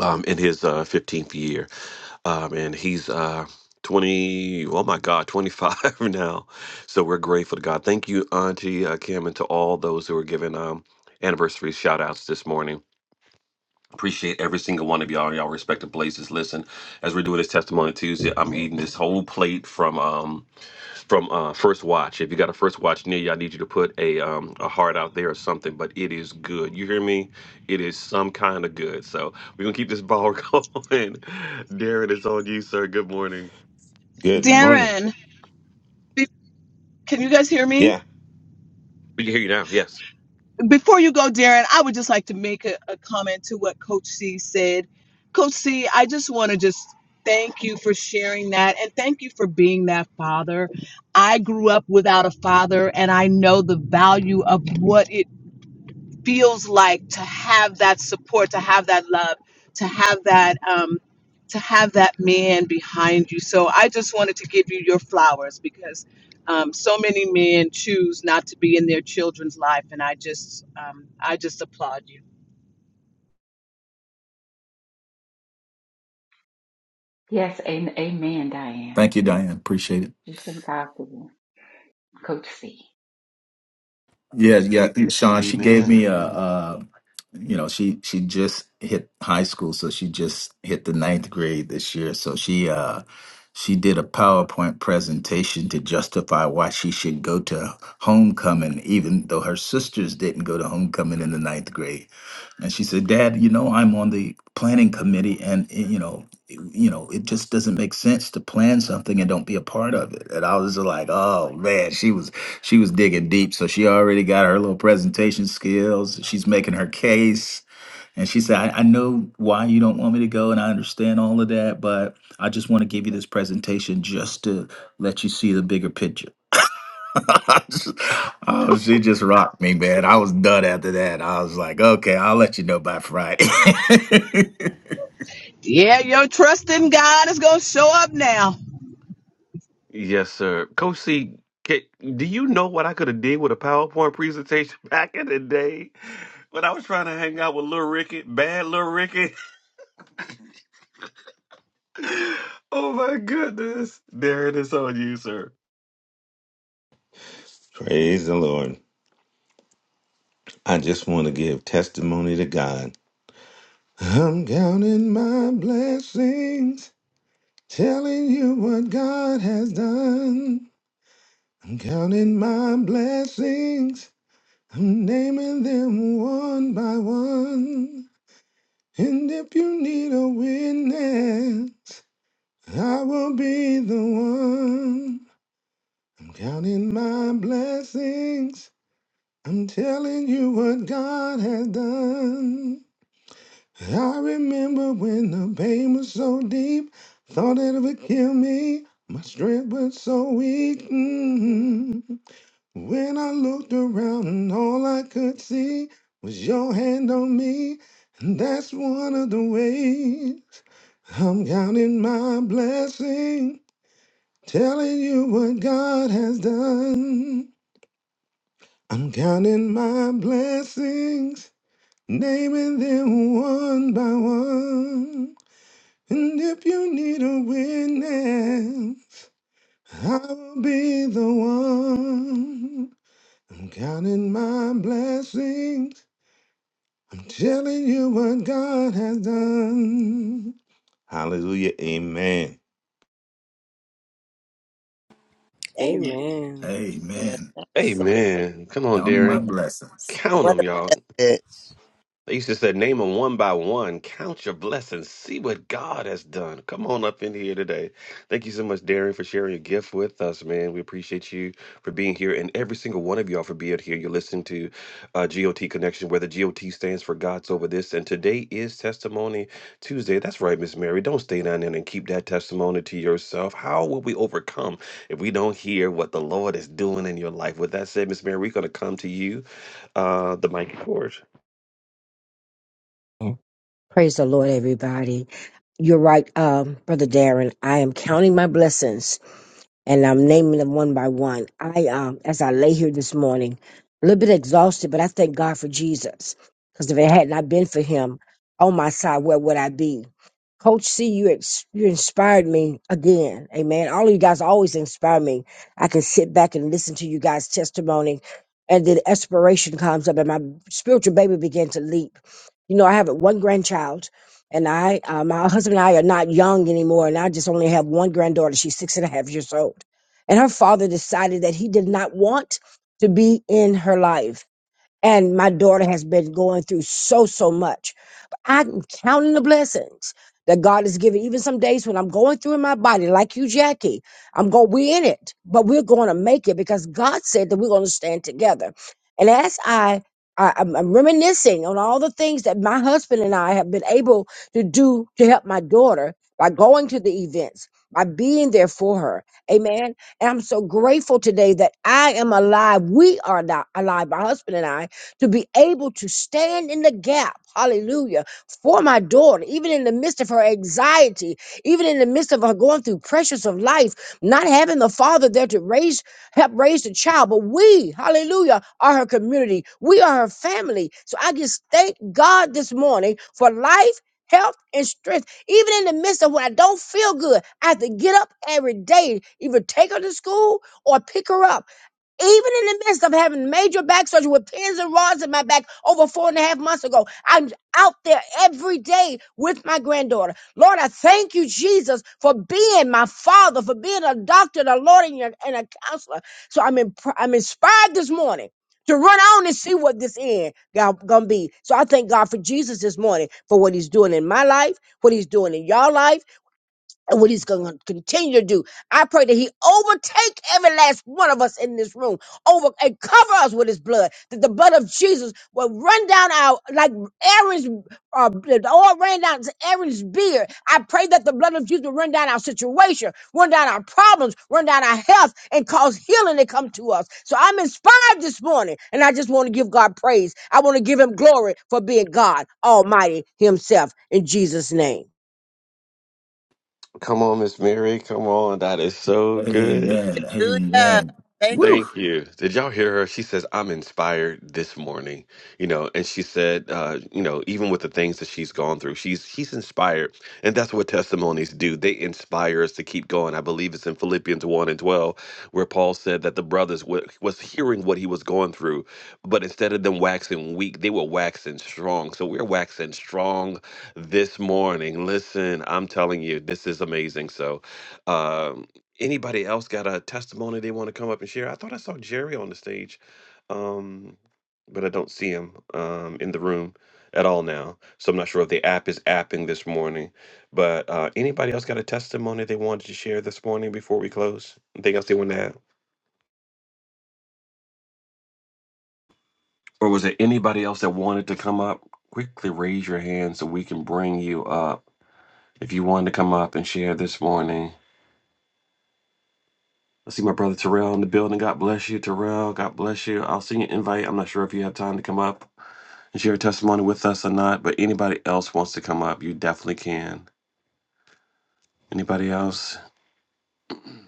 S1: um, in his uh, 15th year. Um, and he's uh, 20, oh my God, 25 now. So we're grateful to God. Thank you, Auntie uh, Kim, and to all those who are giving um, anniversary shout outs this morning. Appreciate every single one of y'all, in y'all respective places. Listen, as we're doing this testimony Tuesday, I'm eating this whole plate from. Um, from uh first watch if you got a first watch near you i need you to put a um a heart out there or something but it is good you hear me it is some kind of good so we're gonna keep this ball going darren it's on you sir good morning
S7: Good morning.
S3: Darren, be- can you guys hear
S7: Yeah,
S3: me?
S1: we can hear you now yes
S3: Before you go, Darren, I would just like to make a, a comment to what Coach C said. Coach C, I just want to just thank you for sharing that and thank you for being that father. I grew up without a father and I know the value of what it feels like to have that support, to have that love, to have that um, to have that man behind you. So I just wanted to give you your flowers because um, so many men choose not to be in their children's life, and I just um, I just applaud you.
S5: Yes, and amen, Diane.
S6: Thank you, Diane. Appreciate it.
S5: We thank God for you. Coach C.
S6: Yeah, yeah, Sean. She gave
S1: Amen.
S6: me a,
S1: Amen.
S6: uh, you know, she she just hit high school, so she just hit the ninth grade this year. So she uh she did a PowerPoint presentation to justify why she should go to homecoming, even though her sisters didn't go to homecoming in the ninth grade. and she said, "Dad, you know I'm on the planning committee, and eh, you know, it- you know, it just doesn't make sense to plan something and don't be a part of it." And I was just like, "Oh man, she was she was digging deep. So she already got her little presentation skills. She's making her case." And she said, I, I know why you don't want me to go, and I understand all of that, but I just want to give you this presentation just to let you see the bigger picture. oh, she just rocked me, man. I was done after that. I was like, okay, I'll let you know by Friday.
S3: Yeah, your trust in God is gonna show up now.
S1: yes sir coach c ca- do you know what i could have did with a powerpoint presentation back in the day when i was trying to hang out with little ricky bad little ricky oh my goodness darren it's on you sir
S7: praise the Lord. I just want to give testimony to God. I'm counting my blessings, telling you what God has done. I'm counting my blessings, I'm naming them one by one. And if you need a witness, I will be the one. I'm counting my blessings. I'm telling you what God has done. I remember when the pain was so deep, thought it would kill me. My strength was so weak. mm. When I looked around and all I could see was your hand on me, and that's one of the ways I'm counting my blessing, telling you what God has done. I'm counting my blessings. Naming them one by one. And if you need a witness, I'll be the one. I'm counting my blessings. I'm telling you what God has done. Hallelujah. Amen.
S2: Amen.
S8: Amen.
S6: Amen.
S2: That was
S1: Hey
S2: so
S1: man, come on,
S6: Counting my
S1: Darren.
S6: blessings.
S1: Count
S2: What
S1: them,
S2: a
S1: y'all.
S2: message.
S1: They used to say, name them one by one, count your blessings, see what God has done. Come on up in here today. Thank you so much, Darren, for sharing your gift with us, man. We appreciate you for being here and every single one of y'all for being here. You're listening to uh, GOT Connection, where the GOT stands for God's Over This. And today is Testimony Tuesday. That's right, Miss Mary. Don't stay down there and keep that testimony to yourself. How will we overcome if we don't hear what the Lord is doing in your life? With that said, Miss Mary, we're going to come to you. Uh, the mic is yours.
S9: Praise the Lord, everybody. You're right, um, Brother Darren. I am counting my blessings and I'm naming them one by one. I, um, as I lay here this morning, a little bit exhausted, but I thank God for Jesus. Because if it had not been for him on my side, where would I be? Coach C, you, ex- you inspired me again. Amen. All of you guys always inspire me. I can sit back and listen to you guys' testimony. And then aspiration comes up, and my spiritual baby began to leap. You know, I have one grandchild and I, uh, my husband and I are not young anymore. And I just only have one granddaughter. She's six and a half years old. And her father decided that he did not want to be in her life. And my daughter has been going through so, so much. But I'm counting the blessings that God has given. Even some days when I'm going through in my body, like you, Jackie, I'm going, we're in it, but we're going to make it because God said that we're going to stand together. And as I, I I'm, I'm reminiscing on all the things that my husband and I have been able to do to help my daughter by going to the events, by being there for her. Amen. And I'm so grateful today that I am alive. We are not alive, my husband and I, to be able to stand in the gap, hallelujah, for my daughter, even in the midst of her anxiety, even in the midst of her going through pressures of life, not having the father there to raise, help raise the child. But we, hallelujah, are her community. We are her family. So I just thank God this morning for life. Health and strength, even in the midst of when I don't feel good, I have to get up every day, either take her to school or pick her up even in the midst of having major back surgery with pins and rods in my back over four and a half months ago, I'm out there every day with my granddaughter. Lord, I thank you, Jesus, for being my father, for being a doctor, a Lord, and, your- and a counselor. So I'm, in, I'm inspired this morning to run on and see what this end gonna be. So I thank God for Jesus this morning for what He's doing in my life, what He's doing in y'all life and what he's going to continue to do. I pray that he overtake every last one of us in this room, over and cover us with his blood. That the blood of Jesus will run down our like Aaron's uh, the oil ran down to Aaron's beard. I pray that the blood of Jesus will run down our situation, run down our problems, run down our health, and cause healing to come to us. So I'm inspired this morning, and I just want to give God praise. I want to give Him glory for being God Almighty Himself in Jesus' name.
S1: Come on, Miss Mary. Come on. That is so good.
S6: Amen.
S2: Hallelujah.
S6: Amen.
S2: Thank you.
S6: Woo.
S1: Thank you. Did y'all hear her? She says, I'm inspired this morning, you know, and she said, uh, you know, even with the things that she's gone through, she's she's inspired. And that's what testimonies do. They inspire us to keep going. I believe it's in Philippians 1 and 12, where Paul said that the brothers wa- was hearing what he was going through, but instead of them waxing weak, they were waxing strong. So we're waxing strong this morning. Listen, I'm telling you, this is amazing. So, um, Anybody else got a testimony they want to come up and share? I thought I saw Jerry on the stage, um, but I don't see him um, in the room at all now. So I'm not sure if the app is apping this morning. But uh, anybody else got a testimony they wanted to share this morning before we close? Anything else they wanted to add? Or was there anybody else that wanted to come up? Quickly raise your hand so we can bring you up. If you wanted to come up and share this morning, I see my brother Terrell in the building. God bless you, Terrell. God bless you. I'll send you an invite. I'm not sure if you have time to come up and share your testimony with us or not, but anybody else wants to come up, you definitely can. Anybody else?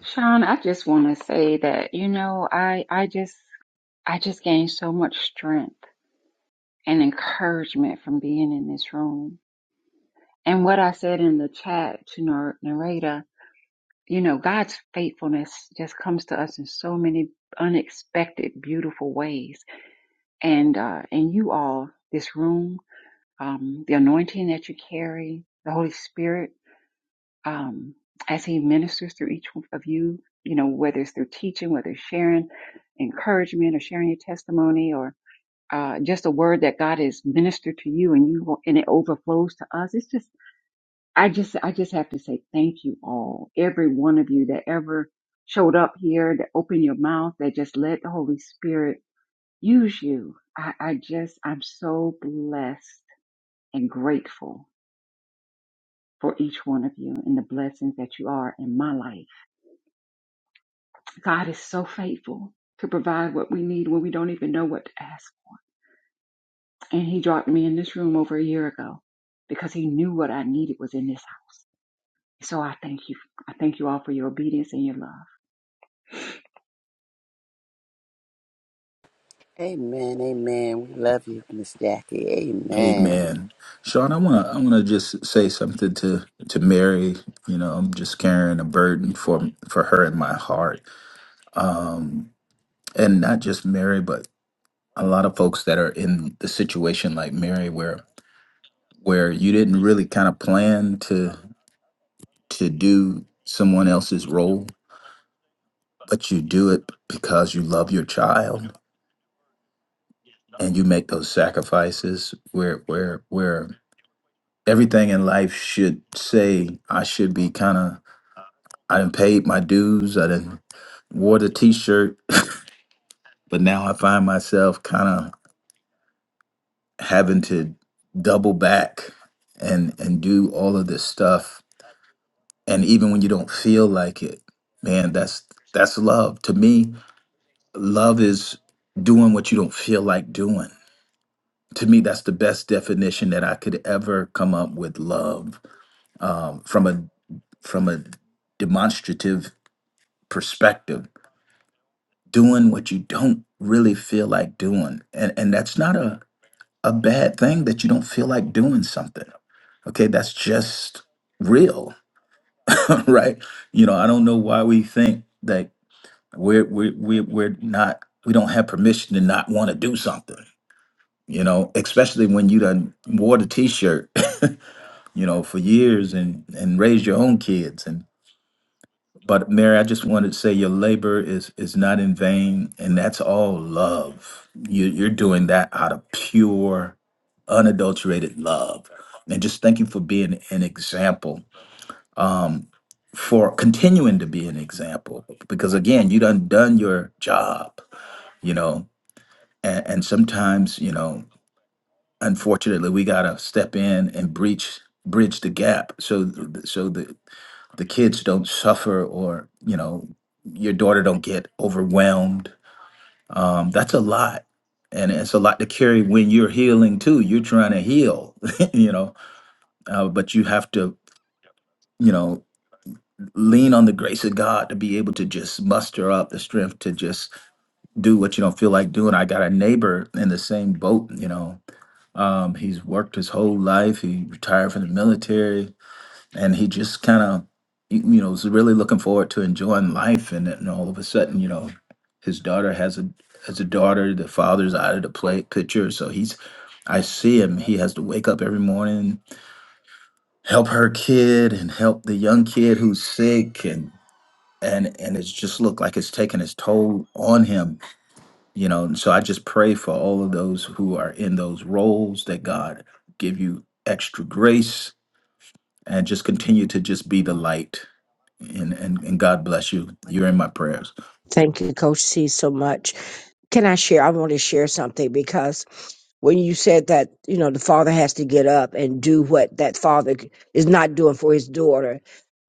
S5: Sean, I just want to say that, you know, I, I just, I just gained so much strength and encouragement from being in this room. And what I said in the chat to Nar- Narada, you know, God's faithfulness just comes to us in so many unexpected, beautiful ways. And, uh, and you all, this room. um, the anointing that you carry, the Holy Spirit, um, as He ministers through each one of you, you know, whether it's through teaching, whether it's sharing encouragement or sharing your testimony or uh, just a word that God has ministered to you and you and it overflows to us. It's just, I just, I just have to say thank you all, every one of you that ever showed up here, that opened your mouth, that just let the Holy Spirit use you. I, I just, I'm so blessed and grateful for each one of you and the blessings that you are in my life. God is so faithful to provide what we need when we don't even know what to ask for. And He dropped me in this room over a year ago because He knew what I needed was in this house. So I thank you. I thank you all for your obedience and your love.
S2: Amen. Amen. We love you, Miss Jackie. Amen.
S6: Amen. Sean, I wanna I wanna just say something to to Mary. You know, I'm just carrying a burden for for her in my heart. Um and not just Mary, but a lot of folks that are in the situation like Mary where where you didn't really kind of plan to to do someone else's role, but you do it because you love your child and you make those sacrifices where where where everything in life should say I should be kind of I didn't paid my dues, I didn't wore the t-shirt, but now I find myself kind of having to double back and and do all of this stuff and even when you don't feel like it man that's that's love to me love is doing what you don't feel like doing to me that's the best definition that i could ever come up with love um, from a from a demonstrative perspective doing what you don't really feel like doing and and that's not a a bad thing that you don't feel like doing something okay that's just real right you know i don't know why we think that We're we're we're we're not we don't have permission to not want to do something, you know, especially when you done wore the t-shirt, you know, for years and and raised your own kids and but Mary, I just wanted to say your labor is is not in vain, and that's all love. You you're doing that out of pure, unadulterated love. And just thank you for being an example. Um for continuing to be an example because again you done done your job you know and, and sometimes you know unfortunately we gotta step in and breach bridge the gap so th- so the the kids don't suffer or you know your daughter don't get overwhelmed um that's a lot and it's a lot to carry when you're healing too you're trying to heal you know uh, but you have to you know lean on the grace of god to be able to just muster up the strength to just do what you don't feel like doing i got a neighbor in the same boat you know Um, he's worked his whole life. He retired from the military, and he just kind of, you you know, was really looking forward to enjoying life. And then all of a sudden, you know, his daughter has a has a daughter. The father's out of the play picture, so he's. I see him. He has to wake up every morning, help her kid, and help the young kid who's sick, and and and it's just looked like it's taking its toll on him you know and so i just pray for all of those who are in those roles that god give you extra grace and just continue to just be the light and and, and god bless you you're in my prayers
S9: Thank you, Coach C, so much. Can I share? I want to share something because when you said that, you know, the father has to get up and do what that father is not doing for his daughter,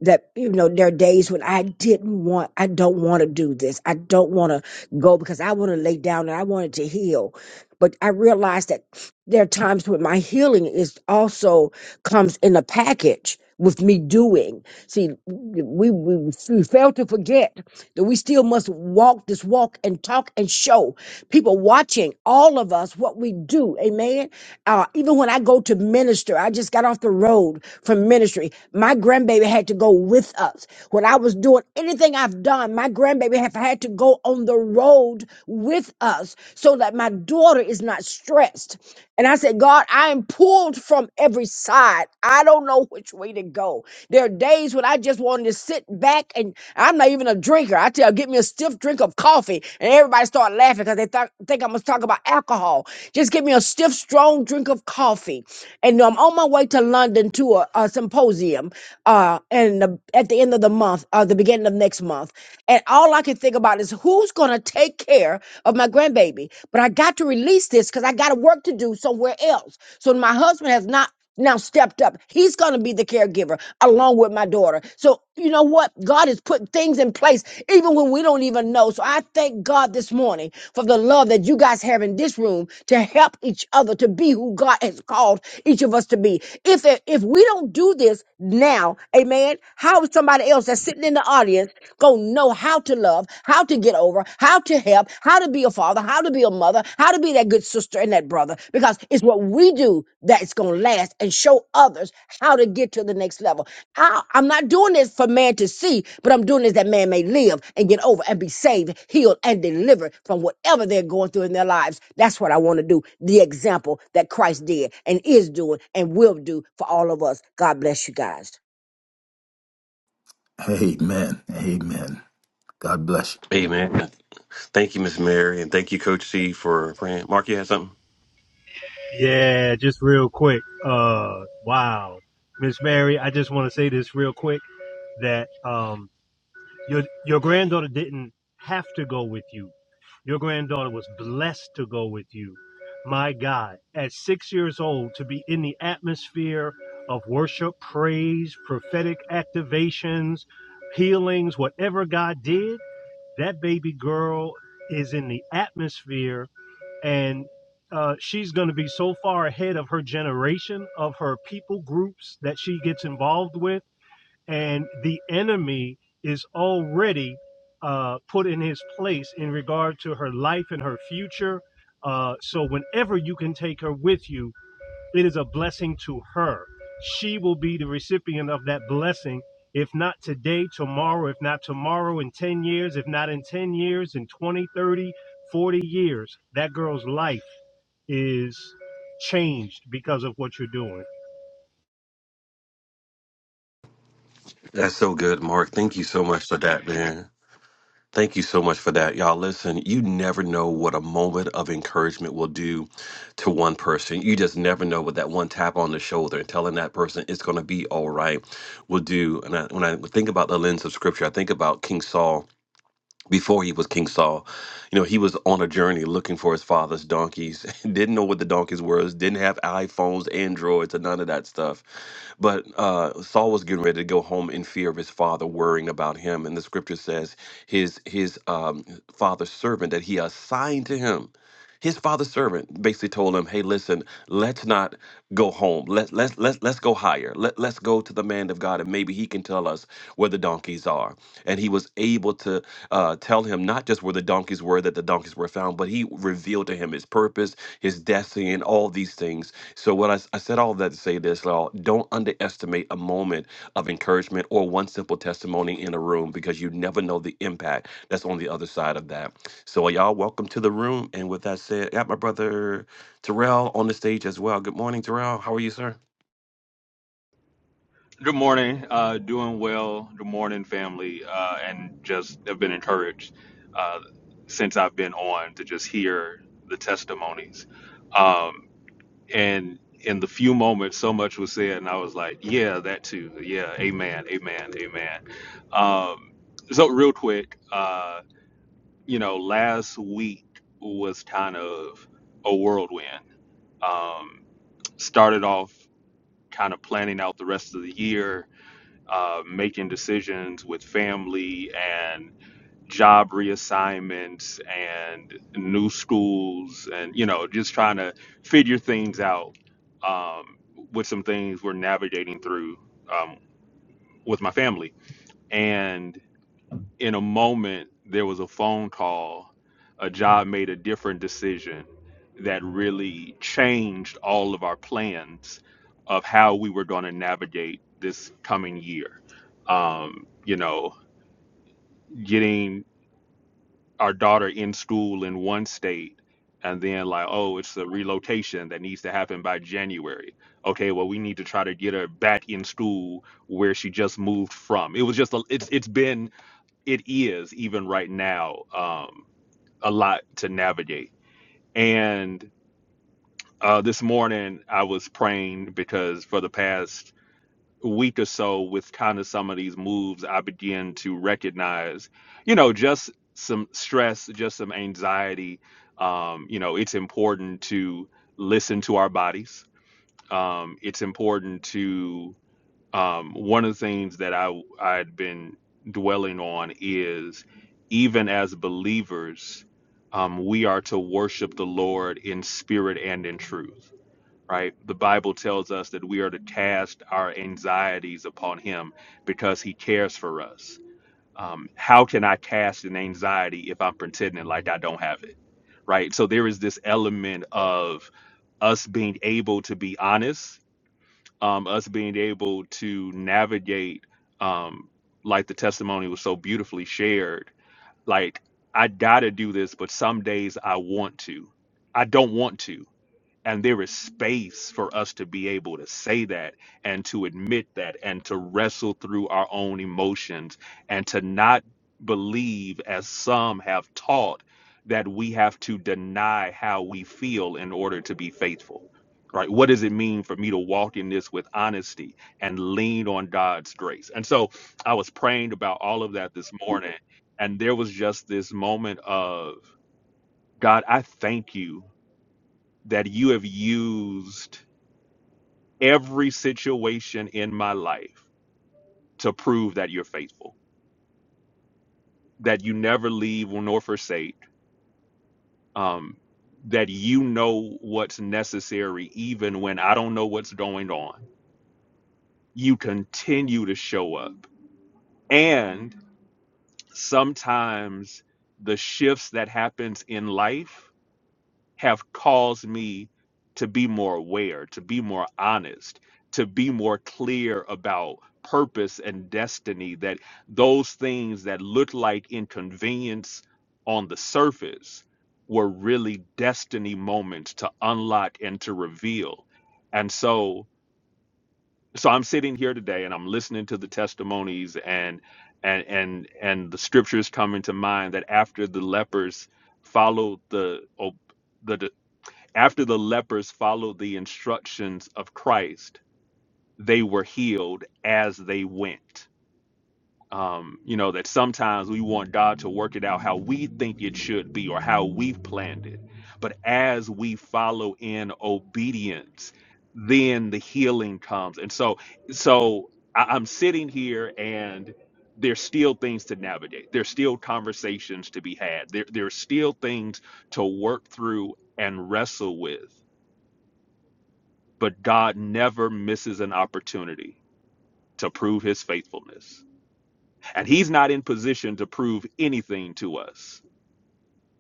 S9: that, you know, there are days when I didn't want, I don't want to do this. I don't want to go because I want to lay down and I wanted to heal. But I realized that there are times when my healing is also comes in a package with me doing. See, we, we, we fail to forget that we still must walk this walk and talk and show people watching all of us what we do. Amen. Uh, even when I go to minister, I just got off the road from ministry. My grandbaby had to go with us. When I was doing anything I've done, my grandbaby have had to go on the road with us so that my daughter is not stressed. And I said, God, I am pulled from every side. I don't know which way to go. There are days when I just want to sit back and I'm not even a drinker. I tell shall get me a stiff drink of coffee. And everybody started laughing because they thought think I must talk about alcohol. Just give me a stiff, strong drink of coffee. And I'm on my way to London to a, a symposium uh, and the, at the end of the month, uh, the beginning of next month. And all I can think about is who's going to take care of my grandbaby. But I got to release this because I got work to do somewhere else. So my husband has not now stepped up. He's going to be the caregiver along with my daughter. So you know what? God has put things in place even when we don't even know. So I thank God this morning for the love that you guys have in this room to help each other to be who God has called each of us to be. If if we don't do this now, amen, how is somebody else that's sitting in the audience going to know how to love, how to get over, how to help, how to be a father, how to be a mother, how to be that good sister and that brother because it's what we do that's going to last and show others how to get to the next level. I, I'm not doing this for man to see, but I'm doing this that man may live and get over and be saved, healed, and delivered from whatever they're going through in their lives. That's what I want to do. The example that Christ did and is doing and will do for all of us. God bless you guys.
S6: amen amen god bless
S1: Amen. Thank you, Miss Mary, and thank you, Coach C, for praying. Mark, you had something?
S10: Yeah, just real quick. Uh, wow, Miss Mary, I just want to say this real quick that um, your your granddaughter didn't have to go with you. Your granddaughter was blessed to go with you. My God, at six years old, to be in the atmosphere of worship, praise, prophetic activations, healings, whatever God did, that baby girl is in the atmosphere and uh, she's going to be so far ahead of her generation of her people groups that she gets involved with and the enemy is already uh, put in his place in regard to her life and her future uh, so whenever you can take her with you it is a blessing to her. She will be the recipient of that blessing, if not today, tomorrow, if not tomorrow, in 10 years, if not in 10 years, in 20, 30, 40 years. That girl's life is changed because of what you're doing.
S1: That's so good, Mark. Thank you so much for that, man. Thank you so much for that, y'all. Listen, you never know what a moment of encouragement will do to one person. You just never know what that one tap on the shoulder and telling that person it's going to be all right will do. And I, when I think about the lens of scripture, I think about King Saul before he was King Saul, you know, he was on a journey looking for his father's donkeys, didn't know what the donkeys were, didn't have iPhones, Androids, or none of that stuff. But uh, Saul was getting ready to go home in fear of his father worrying about him. And the scripture says his his um, father's servant that he assigned to him his father's servant basically told him, "Hey, listen, let's not go home. Let let's let's let's go higher. Let let's go to the man of God, and maybe he can tell us where the donkeys are." And he was able to uh, tell him not just where the donkeys were that the donkeys were found, but he revealed to him his purpose purpose, his destiny, and all these things. So, what I I said all that to say this, y'all, don't underestimate a moment of encouragement or one simple testimony in a room because you never know the impact that's on the other side of that. So, y'all, welcome to the room. And with that said, I got my brother Terrell on the stage as well. Good morning, Terrell. How are you, sir?
S11: Good morning. Uh, doing well. Good morning, family, uh, and just have been encouraged uh, since I've been on to just hear the testimonies. Um, and in the few moments, so much was said, and I was like, "Yeah, that too. Yeah, amen, amen, amen." Um, so, real quick, uh, you know, last week was kind of a whirlwind. Um, started off kind of planning out the rest of the year uh, making decisions with family and job reassignments and new schools and you know just trying to figure things out um, with some things we're navigating through um, with my family and in a moment there was a phone call a job made a different decision that really changed all of our plans of how we were going to navigate this coming year um, you know getting our daughter in school in one state and then like oh it's a relocation that needs to happen by january okay well we need to try to get her back in school where she just moved from it was just a, it's it's been it is even right now um, a lot to navigate. And uh, this morning I was praying because for the past week or so, with kind of some of these moves, I begin to recognize, you know, just some stress, just some anxiety. Um, you know, it's important to listen to our bodies. Um, it's important to um, one of the things that I I'd been dwelling on is even as believers, um, we are to worship the Lord in spirit and in truth. Right? The Bible tells us that we are to cast our anxieties upon Him because He cares for us. Um, how can I cast an anxiety if I'm pretending like I don't have it? Right? So there is this element of us being able to be honest um, us being able to navigate, um, like the testimony was so beautifully shared. Like, I gotta do this, but some days I want to. I don't want to and there is space for us to be able to say that and to admit that and to wrestle through our own emotions and to not believe, as some have taught, that we have to deny how we feel in order to be faithful. Right? What does it mean for me to walk in this with honesty and lean on God's grace? And so I was praying about all of that this morning, and there was just this moment of God, I thank you that you have used every situation in my life to prove that you're faithful, that you never leave nor forsake, um, that you know what's necessary even when I don't know what's going on. You continue to show up. And sometimes the shifts that happens in life have caused me to be more aware, to be more honest, to be more clear about purpose and destiny. That those things that look like inconvenience on the surface were really destiny moments to unlock and to reveal. And so, so I'm sitting here today and I'm listening to the testimonies and and and and the scriptures come into mind that after the lepers followed the ob- the after the lepers followed the instructions of Christ, they were healed as they went. Um, you know, that sometimes we want God to work it out how we think it should be or how we've planned it. But as we follow in obedience, then the healing comes. And so, so I, I'm sitting here and there's still things to navigate. There's still conversations to be had. There, there's still things to work through and wrestle with but God never misses an opportunity to prove his faithfulness. And he's not in position to prove anything to us,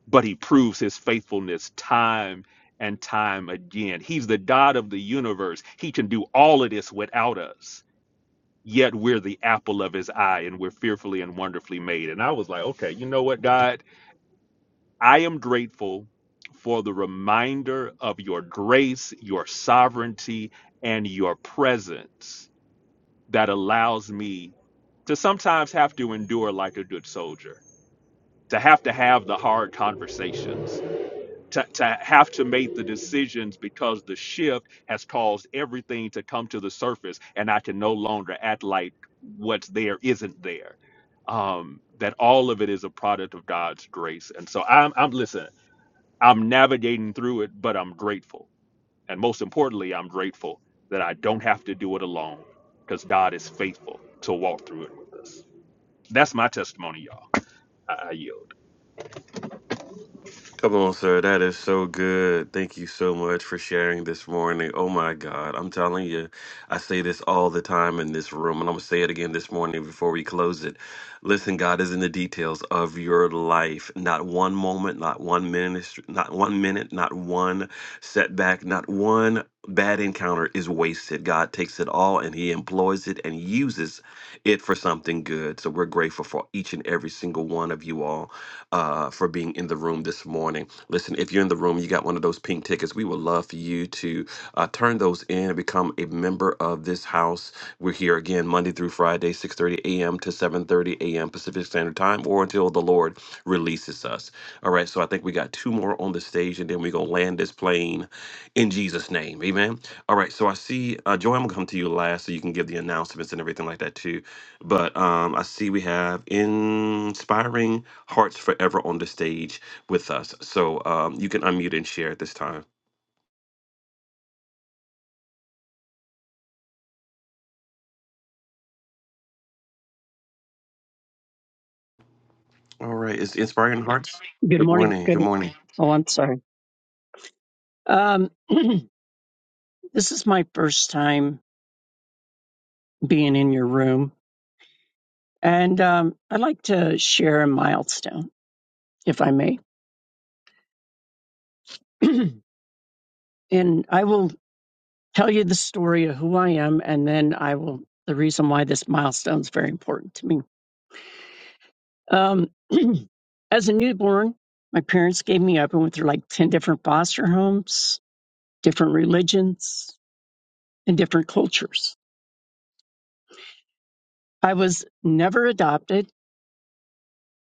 S11: but he proves his faithfulness time and time again. He's the God of the universe. He can do all of this without us. Yet we're the apple of his eye and we're fearfully and wonderfully made. And I was like, okay, you know what, God? I am grateful for the reminder of your grace, your sovereignty, and your presence that allows me to sometimes have to endure like a good soldier, to have to have the hard conversations, to, to have to make the decisions because the shift has caused everything to come to the surface and I can no longer act like what's there isn't there. Um, that all of it is a product of God's grace. And so I'm, I'm listen, I'm navigating through it, but I'm grateful and most importantly, I'm grateful that I don't have to do it alone because God is faithful to walk through it with us. That's my testimony, y'all. I, I yield.
S1: Come on, sir. That is so good. Thank you so much for sharing this morning. Oh my God. I'm telling you, I say this all the time in this room, and I'm going to say it again this morning before we close it. Listen, God is in the details of your life. Not one moment, not one minute, not one minute, not one setback, not one bad encounter is wasted. God takes it all and he employs it and uses it for something good. So we're grateful for each and every single one of you all uh, for being in the room this morning. Listen, if you're in the room, you got one of those pink tickets, we would love for you to uh, turn those in and become a member of this house. We're here again Monday through Friday, 6.30 a.m. to 7.30 a.m. Pacific Standard Time or until the Lord releases us. All right, so I think we got two more on the stage and then we're going to land this plane in Jesus' name, amen. All right, so I see, uh, Joy, I'm gonna come to you last so you can give the announcements and everything like that too. But um, I see we have Inspiring Hearts Forever on the stage with us. So um, you can unmute and share at this time. All right, it's Inspiring Hearts.
S12: Good
S1: Good
S12: morning.
S1: morning. Good
S12: Good.
S1: morning.
S12: Oh, I'm sorry. Um, this is my first time being in your room, and um, I'd like to share a milestone, if I may. and I will tell you the story of who I am, and then I will the reason why this milestone is very important to me. Um, as a newborn, my parents gave me up and went through like ten different foster homes, different religions, and different cultures. I was never adopted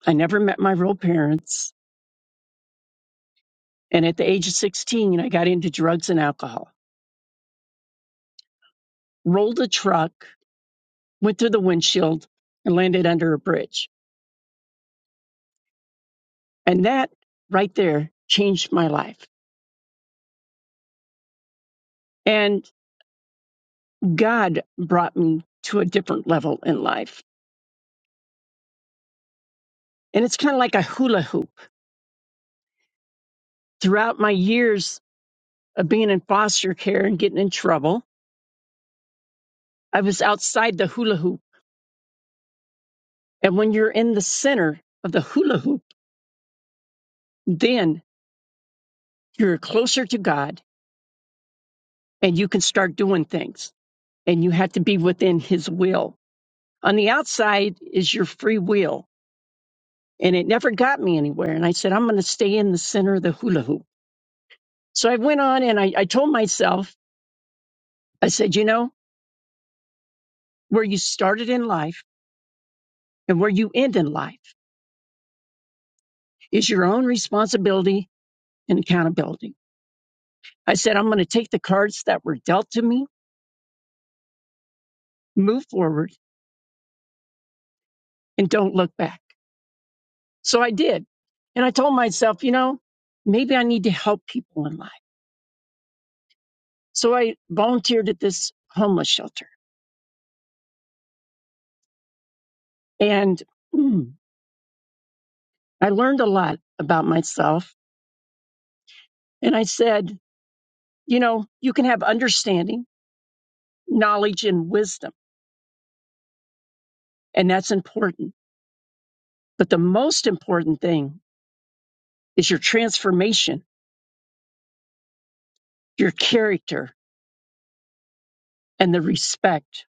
S12: I never met my real parents. And at the age of 16, I got into drugs and alcohol, rolled a truck, went through the windshield, and landed under a bridge. And that right there changed my life. And God brought me to a different level in life. And it's kind of like a hula hoop. Throughout my years of being in foster care and getting in trouble, I was outside the hula hoop. And when you're in the center of the hula hoop, then you're closer to God and you can start doing things and you have to be within his will. On the outside is your free will and it never got me anywhere. And I said, I'm going to stay in the center of the hula hoop. So I went on and I, I told myself, I said, you know, where you started in life and where you end in life is your own responsibility and accountability. I said, I'm going to take the cards that were dealt to me, move forward and don't look back. So I did. And I told myself, you know, maybe I need to help people in life. So I volunteered at this homeless shelter and mm, I learned a lot about myself. And I said, you know, you can have understanding, knowledge, and wisdom, and that's important. But the most important thing is your transformation, your character, and the respect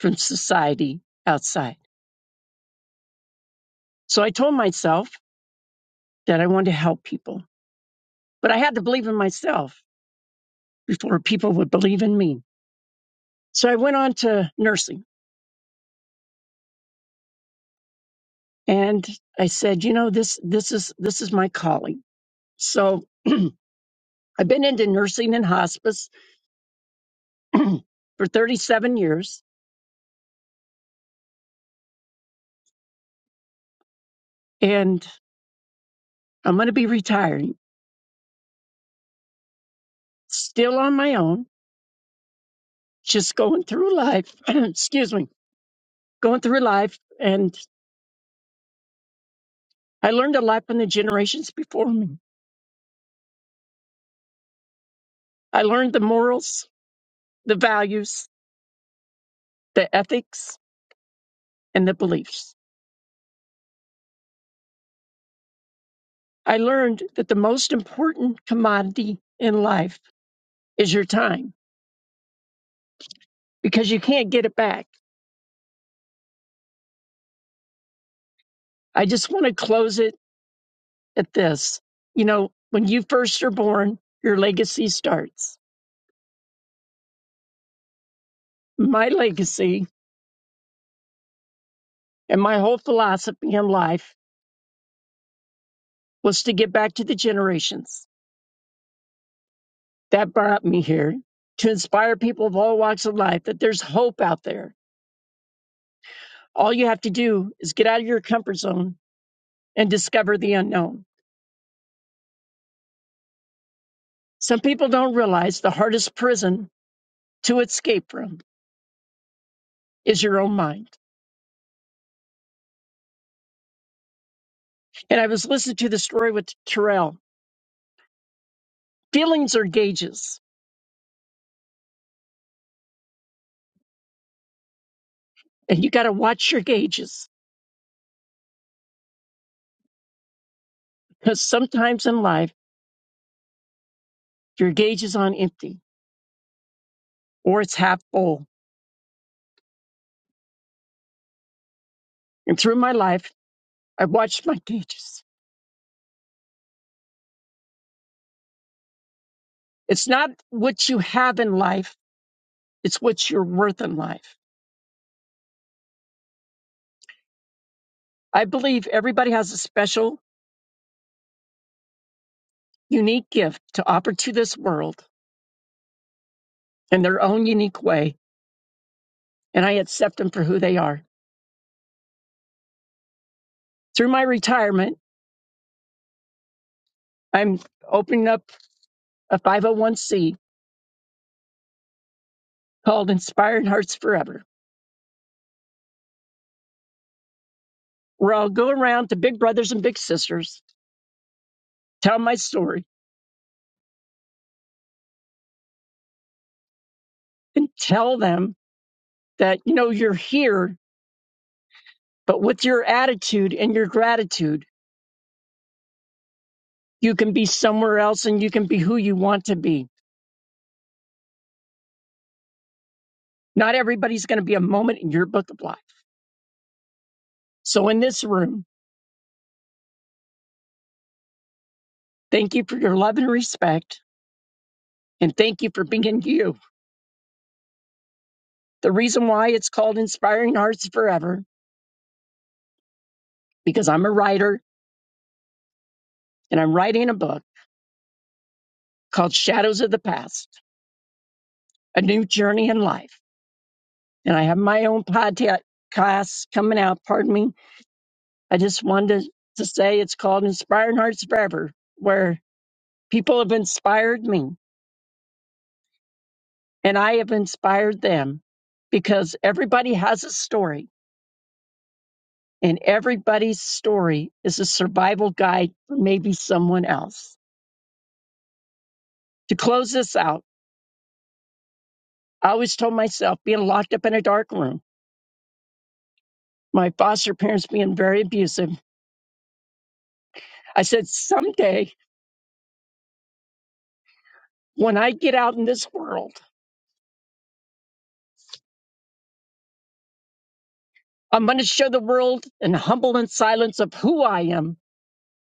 S12: from society outside. So I told myself that I wanted to help people, but I had to believe in myself before people would believe in me. So I went on to nursing and I said, you know, this this is this is my calling. So I've been into nursing and hospice for 37 years, and I'm going to be retiring, still on my own, just going through life. excuse me, going through life, and I learned a lot from the generations before me. I learned the morals, the values, the ethics, and the beliefs. I learned that the most important commodity in life is your time because you can't get it back I just want to close it at this. You know, when you first are born, your legacy starts. My legacy and my whole philosophy in life was to give back to the generations that brought me here to inspire people of all walks of life that there's hope out there. All you have to do is get out of your comfort zone and discover the unknown. Some people don't realize the hardest prison to escape from is your own mind. And I was listening to the story with Terrell. Feelings are gauges And you got to watch your gauges because sometimes in life, your gauge is on empty or it's half full. And through my life, I've watched my gauges. It's not what you have in life, it's what you're worth in life. I believe everybody has a special, unique gift to offer to this world in their own unique way. And I accept them for who they are. Through my retirement, I'm opening up a 501c called Inspiring Hearts Forever, where I'll go around to big brothers and big sisters tell my story and tell them that you know you're here but with your attitude and your gratitude you can be somewhere else and you can be who you want to be not everybody's going to be a moment in your book of life so in this room thank you for your love and respect and thank you for being you the reason why it's called inspiring hearts forever because i'm a writer and i'm writing a book called shadows of the past a new journey in life and i have my own podcast coming out pardon me I just wanted to to say it's called Inspiring Hearts Forever, where people have inspired me and I have inspired them because everybody has a story and everybody's story is a survival guide for maybe someone else. To close this out, I always told myself being locked up in a dark room, my foster parents being very abusive, I said, someday when I get out in this world, I'm going to show the world in humble and silence of who I am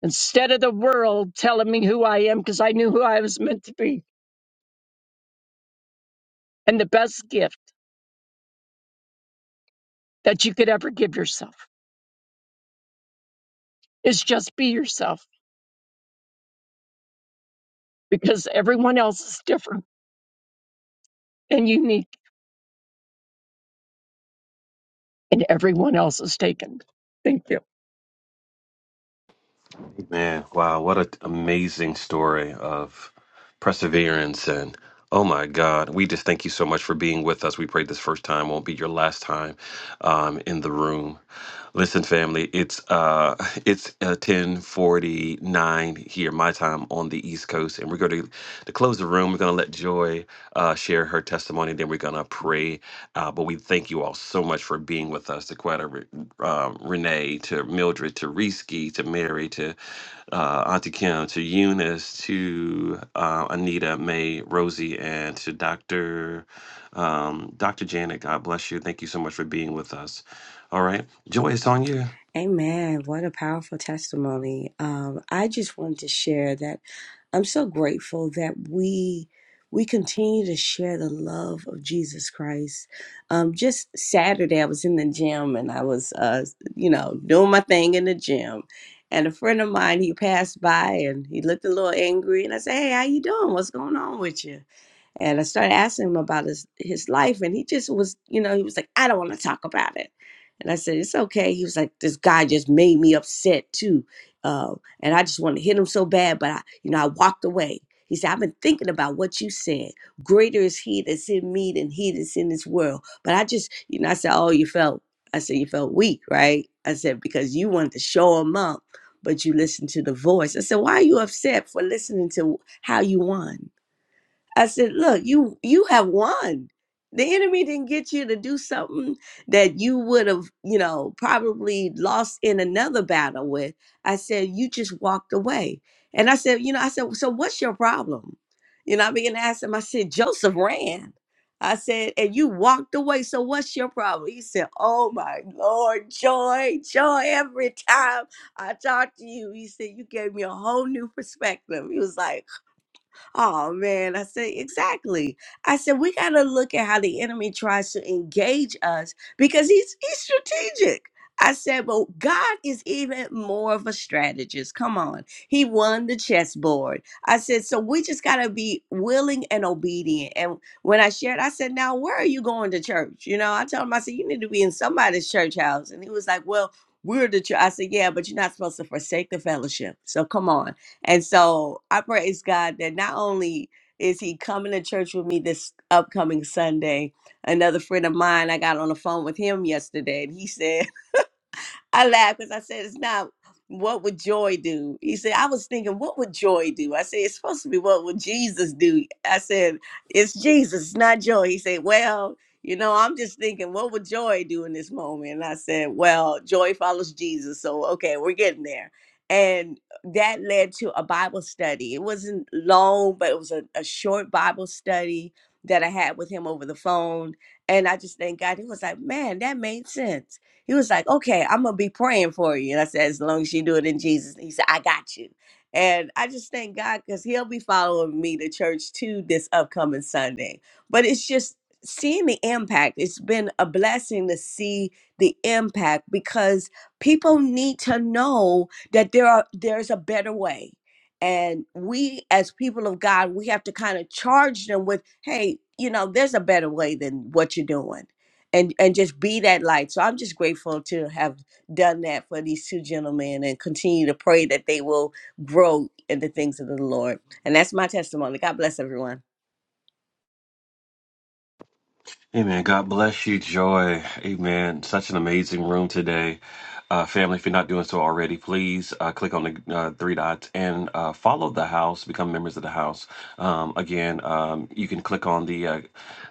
S12: instead of the world telling me who I am because I knew who I was meant to be. And the best gift that you could ever give yourself is just be yourself because everyone else is different and unique and everyone else is taken. Thank you.
S1: Man, wow, what an amazing story of perseverance. And oh my God, we just thank you so much for being with us. We pray this first time won't be your last time um, in the room. Listen, family, it's uh it's uh, 1049 here, my time on the East Coast, and we're going to to close the room. We're going to let Joy uh, share her testimony, then we're going to pray. Uh, but we thank you all so much for being with us, to Quetta, Re- um, Renee, to Mildred, to Risky, to Mary, to uh, Auntie Kim, to Eunice, to uh, Anita, May, Rosie, and to Doctor um, Doctor Janet. God bless you. Thank you so much for being with us. All right. Joy, it's on you.
S8: Amen. What a powerful testimony. Um, I just wanted to share that I'm so grateful that we we continue to share the love of Jesus Christ. Um, just Saturday, I was in the gym and I was, uh, you know, doing my thing in the gym. And a friend of mine, he passed by and he looked a little angry. And I said, "Hey, how you doing? What's going on with you?" And I started asking him about his, his life, and he just was, you know, he was like, I don't want to talk about it. And I said, It's okay. He was like, This guy just made me upset too. Uh, and I just want to hit him so bad, but I, you know, I walked away. He said, I've been thinking about what you said. Greater is he that's in me than he that's in this world. But I just, you know, I said, Oh, you felt, I said, You felt weak, right? I said, Because you wanted to show him up, but you listened to the voice. I said, Why are you upset for listening to how you won? I said, "Look, you you have won. The enemy didn't get you to do something that you would have, you know, probably lost in another battle with." I said, "You just walked away." And I said, "You know, I said, so what's your problem?" You know, I began to ask him. I said, "Joseph ran." I said, "And you walked away. So what's your problem?" He said, "Oh my Lord, joy, joy every time I talk to you." He said, "You gave me a whole new perspective." He was like. Oh man, I said, exactly. I said, we got to look at how the enemy tries to engage us because he's he's strategic. I said, but God is even more of a strategist. Come on. He won the chessboard. I said, so we just got to be willing and obedient. And when I shared, I said, now where are you going to church? You know, I told him, I said, you need to be in somebody's church house. And he was like, well, we're the church. I said, yeah, but you're not supposed to forsake the fellowship. So come on. And so I praise God that not only is he coming to church with me this upcoming Sunday, another friend of mine, I got on the phone with him yesterday and he said, I laughed because I said, it's not what would joy do? He said, I was thinking, what would joy do? I said, it's supposed to be what would Jesus do? I said, it's Jesus, it's not joy. He said, well, you know, I'm just thinking, what would joy do in this moment? And I said, well, joy follows Jesus. So, okay, we're getting there. And that led to a Bible study. It wasn't long, but it was a, a short Bible study that I had with him over the phone. And I just thank God. He was like, man, that made sense he was like, okay, I'm gonna be praying for you. And I said, as long as you do it in Jesus. He said, I got you. And I just thank God because he'll be following me to church too this upcoming Sunday. But it's just seeing the impact. It's been a blessing to see the impact because people need to know that there are there's a better way. And we as people of God, we have to kind of charge them with, hey, you know, there's a better way than what you're doing and and just be that light. So I'm just grateful to have done that for these two gentlemen and continue to pray that they will grow in the things of the Lord. And that's my testimony. God bless everyone.
S1: Amen. God bless you, Joy. Amen. Such an amazing room today. Uh, family, if you're not doing so already, please uh, click on the uh, three dots and uh, follow the house, become members of the house. Um, again, um, you can click on the uh,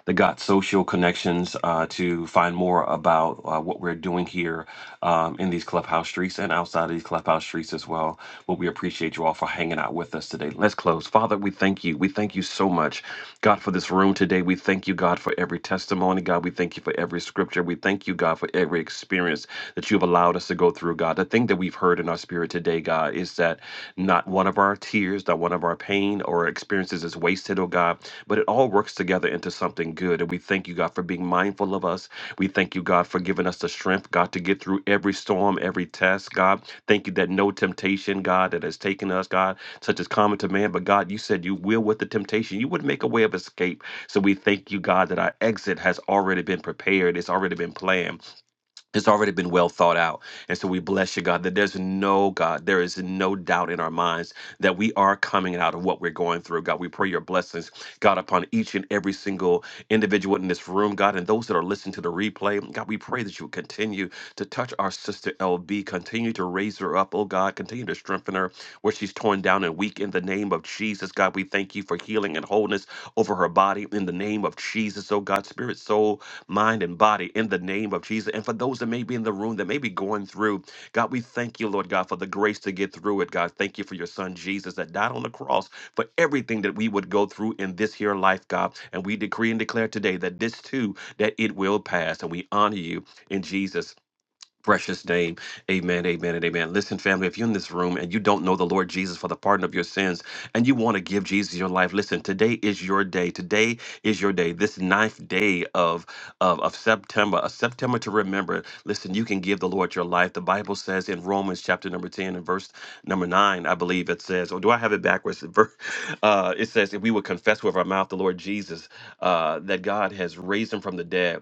S1: the Got Social Connections uh, to find more about uh, what we're doing here um, in these clubhouse streets and outside. outside of these clubhouse streets as well. But we appreciate you all for hanging out with us today. Let's close. Father, we thank you. We thank you so much, God, for this room today. We thank you, God, for every testimony. God, we thank you for every scripture. We thank you, God, for every experience that you've allowed us to go through, God. The thing that we've heard in our spirit today, God, is that not one of our tears, not one of our pain or experiences is wasted wasted, oh God. But it all works together into something good. And we thank you, God, for being mindful of us. We thank you, God, for giving us the strength, God, to get through every storm, every test, God. Thank you that no temptation, God, that has taken us, God, such as common to man. But God, you said you will with the temptation. You would make a way of escape. So we thank you, God, that our exit has already been prepared. It's already been planned it's already been well thought out. And so we bless you, God, that there's no, God, there is no doubt in our minds that we are coming out of what we're going through. God, we pray your blessings, God, upon each and every single individual in this room, God, and those that are listening to the replay. God, we pray that you would continue to touch our sister LB, continue to raise her up, oh God, continue to strengthen her where she's torn down and weak in the name of Jesus. God, we thank you for healing and wholeness over her body in the name of Jesus, oh God. God, spirit, soul, mind, and body in the name of Jesus. And for those that may be in the room that may be going through, God, we thank you, Lord God, for the grace to get through it, God. Thank you for your son Jesus that died on the cross for everything that we would go through in this here life, God. And we decree and declare today that this too, that it will pass. And we honor you in Jesus' precious name. Amen, amen, and amen. Listen, family, if you're in this room and you don't know the Lord Jesus for the pardon of your sins and you want to give Jesus your life, listen, today is your day. Today is your day. This ninth day of, of, of September, a September to remember. Listen, you can give the Lord your life. The Bible says in Romans chapter number 10 and verse number 9, I believe it says, or do I have it backwards? Ver- Uh, it says, if we would confess with our mouth the Lord Jesus, uh, that God has raised him from the dead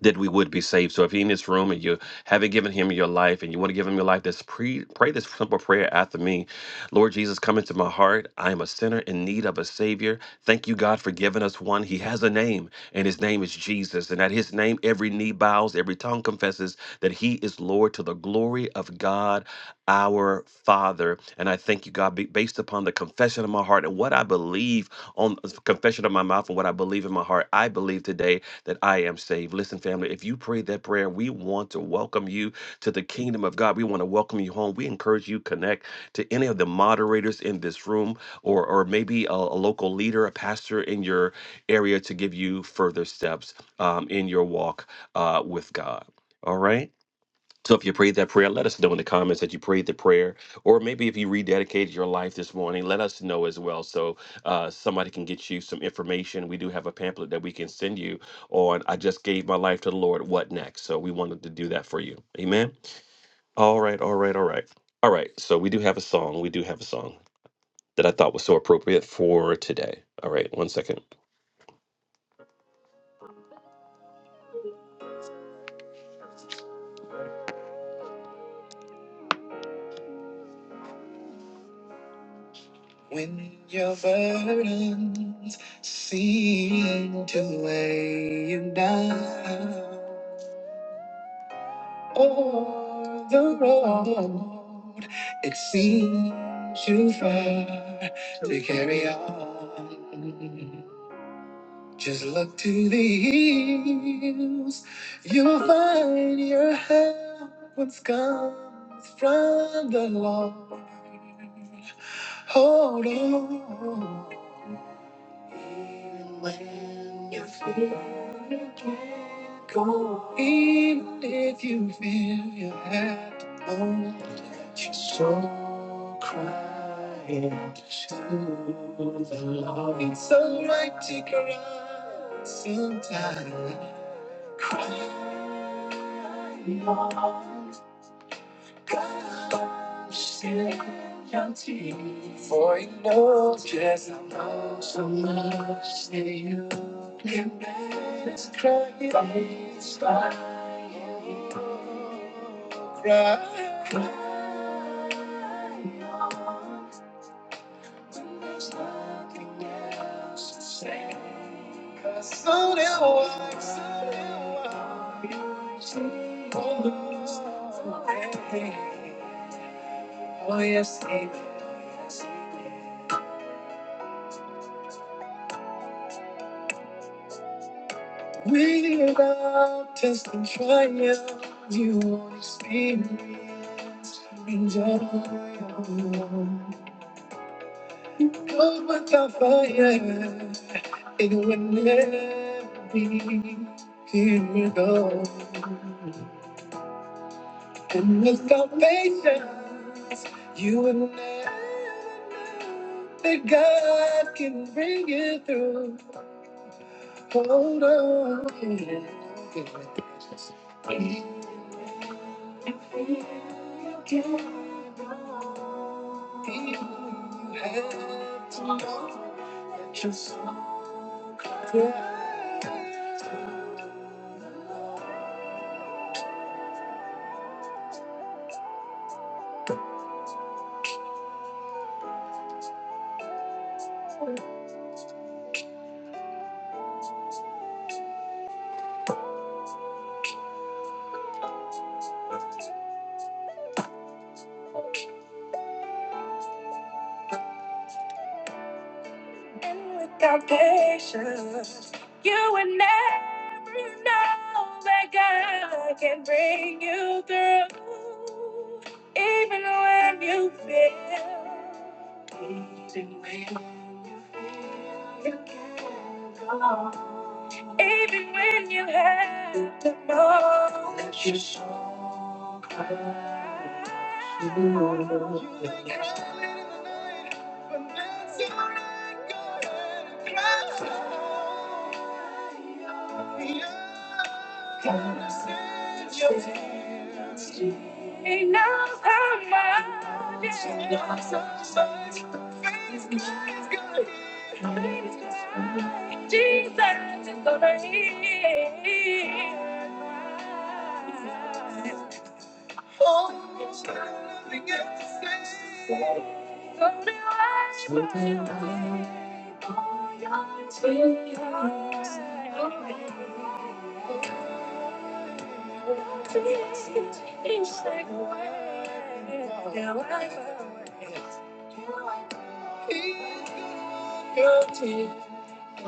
S1: that we would be saved. So if you're in this room and you haven't given him your life and you want to give him your life, just pre- pray this simple prayer after me. Lord Jesus, come into my heart. I am a sinner in need of a Savior. Thank you, God, for giving us one. He has a name, and his name is Jesus. And at his name, every knee bows, every tongue confesses that he is Lord to the glory of God, our Father. And I thank you, God, be- based upon the confession of my heart and what I believe on confession of my mouth and what I believe in my heart, I believe today that I am saved. Listen, family, if you prayed that prayer, we want to welcome you to the kingdom of God. We want to welcome you home. We encourage you connect to any of the moderators in this room or or maybe a, a local leader, a pastor in your area to give you further steps um, in your walk uh, with God. All right. So if you prayed that prayer, let us know in the comments that you prayed the prayer, or maybe if you rededicated your life this morning, let us know as well, so uh, somebody can get you some information. We do have a pamphlet that we can send you on. I just gave my life to the Lord. What next? So we wanted to do that for you. Amen. All right. All right. All right. All right. So we do have a song. We do have a song that I thought was so appropriate for today. All right. One second. When your burdens seem to weigh you down. Or the road it seems too far to carry on. Just look to the hills, you'll find your help once comes from the Lord. Hold on. When you feel Go in if you feel you had to know that your soul crying to the Lord. It's alright to cry sometimes. Cry, Lord. For you know just how much, how much that you can make us cry, inspire you, cry, When there's nothing else to say. Cause soon it will, soon it will. Oh, Lord, Oh, yes, he did. Without test and trial, you won't experience in joy. Come without fire, it will never be. Here we go. And without patience, you will never know that God can bring you through. Hold on. you you're have to know that you're so good, and without patience, you would never know that God can bring you through, even when you fail. Even when you have the most.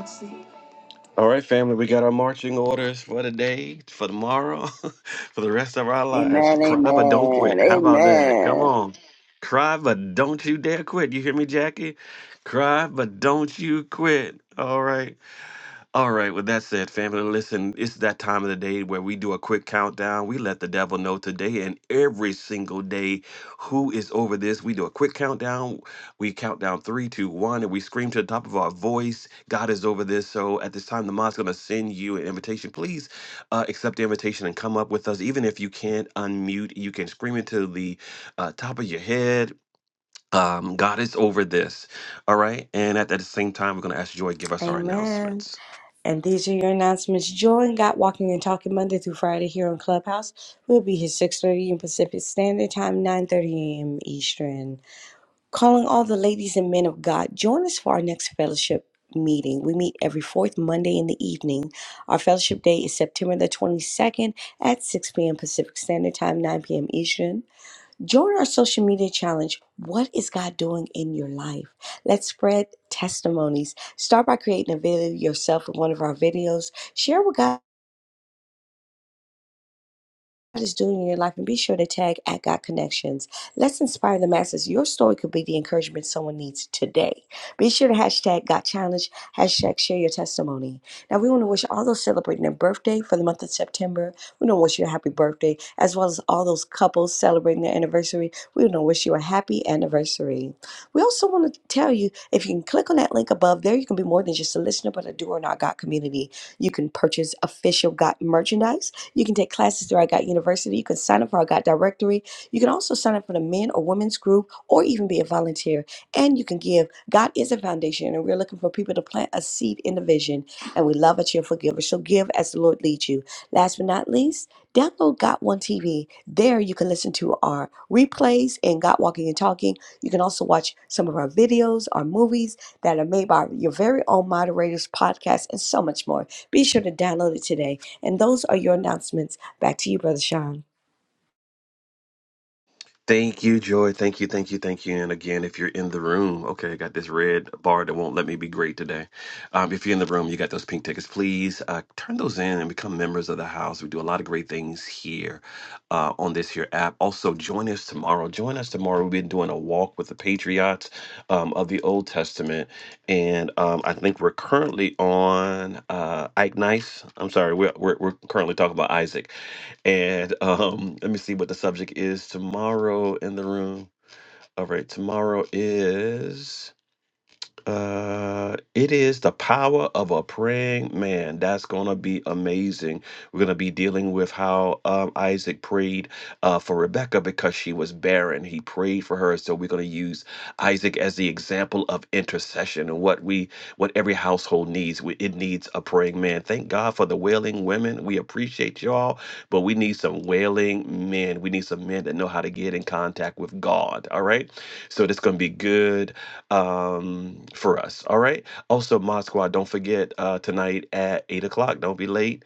S1: Jesus. All right, family, we got our marching orders for the day, for tomorrow, for the rest of our lives.
S2: Amen.
S1: Cry but don't quit.
S2: Amen.
S1: How about that? Come
S2: Amen.
S1: on. Cry but don't you dare quit. You hear me, Jackie? Cry but don't you quit. All right. All right, with that said, family, listen, it's that time of the day where we do a quick countdown. We let the devil know today and every single day who is over this. We do a quick countdown. We count down three, two, one, and we scream to the top of our voice, God is over this. So at this time, the mod's going to send you an invitation. Please uh, accept the invitation and come up with us. Even if you can't unmute, you can scream into the uh, top of your head. Um, God is over this. All right. And at that same time, we're going to ask Joy to give us our
S8: Amen.
S1: announcements.
S8: And these are your announcements. Join God Walking and Talking Monday through Friday here on Clubhouse. We'll be here 6.30 in Pacific Standard Time, 9.30 a.m. Eastern. Calling all the ladies and men of God, join us for our next fellowship meeting. We meet every fourth Monday in the evening. Our fellowship day is September the 22nd at 6 p.m. Pacific Standard Time, 9 p.m. Eastern. Join our social media challenge. What is God doing in your life? Let's spread testimonies. Start by creating a video yourself with one of our videos. Share what God. God is doing in your life, and be sure to tag at God Connections. Let's inspire the masses. Your story could be the encouragement someone needs today. Be sure to hashtag God Challenge, hashtag share your testimony. Now, we want to wish all those celebrating their birthday for the month of September. We want to wish you a happy birthday, as well as all those couples celebrating their anniversary. We want to wish you a happy anniversary. We also want to tell you if you can click on that link above, there you can be more than just a listener, but a doer in our God community. You can purchase official God merchandise you can take classes through our God University. You can sign up for our God Directory. You can also sign up for the men or women's group or even be a volunteer. And you can give. God is a foundation, and we're looking for people to plant a seed in the vision. And we love a cheerful giver. So give as the Lord leads you. Last but not least, download Got One TV. There you can listen to our replays and God Walking and Talking. You can also watch some of our videos, our movies that are made by your very own moderators, podcasts, and so much more. Be sure to download it today. And those are your announcements. Back to you, Brother Sean.
S1: Thank you, Joy. Thank you, thank you, thank you. And again, if you're in the room, okay, I got this red bar that won't let me be great today. Um, if you're in the room, you got those pink tickets. Please uh, turn those in and become members of the house. We do a lot of great things here uh, on this here app. Also, join us tomorrow. Join us tomorrow. We've been doing a walk with the patriots um, of the Old Testament, and um, I think we're currently on uh, Ike Nice. I'm sorry, we're, we're we're currently talking about Isaac. And um, let me see what the subject is tomorrow in the room. All right, tomorrow is uh, it is the power of a praying man. That's gonna be amazing. We're gonna be dealing with how um, Isaac prayed uh, for Rebecca because she was barren. He prayed for her, so we're gonna use Isaac as the example of intercession and what we, what every household needs. We, it needs a praying man. Thank God for the wailing women. We appreciate y'all, but we need some wailing men. We need some men that know how to get in contact with God. All right, so this gonna be good um for us all right also mod squad don't forget uh tonight at eight o'clock don't be late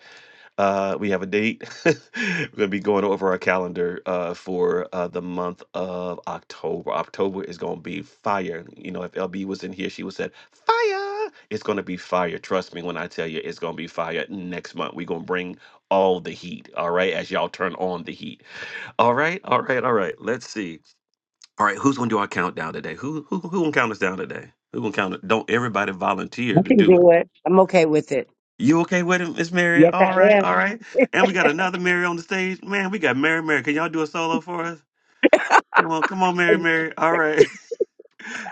S1: uh we have a date we're gonna be going over our calendar uh for uh the month of october october is gonna be fire you know if lb was in here she would said fire it's gonna be fire trust me when i tell you it's gonna be fire next month we're gonna bring all the heat all right as y'all turn on the heat all right all right all right let's see all right, who's gonna do our countdown today? Who who who gonna count us down today? Who gonna count it? Don't everybody volunteer
S9: I
S1: to
S9: can
S1: do it.
S9: do it. I'm okay with it.
S1: You okay with it, Miss Mary?
S9: Yes,
S1: All
S9: I
S1: right, all
S9: am.
S1: right. And we got another Mary on the stage. Man, we got Mary Mary. Can y'all do a solo for us? Come on, come on, Mary Mary. All right.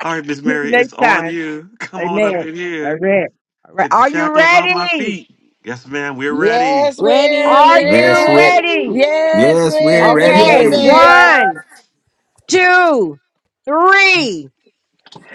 S1: All right, Miss
S9: Until
S1: Mary, it's
S9: Next
S1: on
S9: time.
S1: you. Come on up
S9: Amen.
S1: in
S9: All
S1: here.
S9: right. All right.
S1: Took the
S9: Are you
S1: shackles off my
S9: ready?
S1: feet. Yes, ma'am, we're ready.
S2: Yes, we're
S9: Are
S8: Ready,
S6: Yes,
S9: you
S6: we
S2: ready.
S9: ready?
S5: Daddy,
S2: Yes,
S6: yes, we're
S2: we're
S8: ready.
S2: ready,
S9: Okay,
S13: Yes, we
S6: ready.
S2: man.
S13: are.
S9: one, two, three.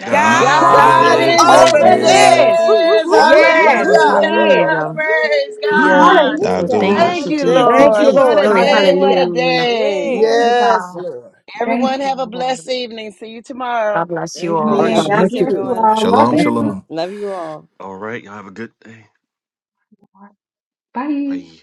S1: God's
S14: I
S1: over
S6: God
S14: just,
S2: God
S13: God's
S5: God
S2: is
S8: over
S1: this.
S6: over
S9: Over
S13: over
S2: over
S14: yes.
S8: this.
S5: over
S6: this.
S9: this.
S13: this.
S6: Woo, woo,
S2: this.
S6: woo, woo, woo,
S9: Yes,
S14: Glory,
S9: he
S2: Hallelujah.
S13: Hallelujah.
S8: Woo.
S9: is.
S14: hallelujah.
S6: woo.
S2: Praise
S14: Yeah.
S5: this.
S7: Woo-hoo.
S2: God.
S6: you
S7: I'll
S14: So
S7: do with
S5: Hallelujah.
S14: thank
S7: this.
S2: Thank
S14: you,
S2: you,
S8: Hallelujah.
S13: Thank you,
S5: Thank
S9: Thank
S14: Jesus.
S9: you,
S2: Lord.
S5: you,
S2: What
S9: Lord.
S2: a
S14: Glory,
S13: Jesus.
S2: day.
S5: Jesus.
S2: What a
S9: Hallelujah.
S14: hallelujah.
S2: day.
S8: Yay.
S5: Glory to
S13: Yes,
S14: Yeah,
S5: God.
S13: Lord.
S2: Everyone
S5: Thank you,
S2: have a blessed
S5: Lord.
S2: evening. See you tomorrow.
S14: God bless you
S8: All
S9: All
S14: all.
S8: right,
S9: right,
S5: Amen.
S8: God
S13: Amen.
S9: God
S5: God
S9: bless
S13: You
S8: bless
S9: you.
S5: bless
S13: too.
S5: you
S8: everyone.
S5: all. Love
S6: shalom
S9: Bless you.
S5: you.
S6: shalom
S8: Love you all.
S1: All right, y'all have a good day.
S5: Bye.
S1: Bye.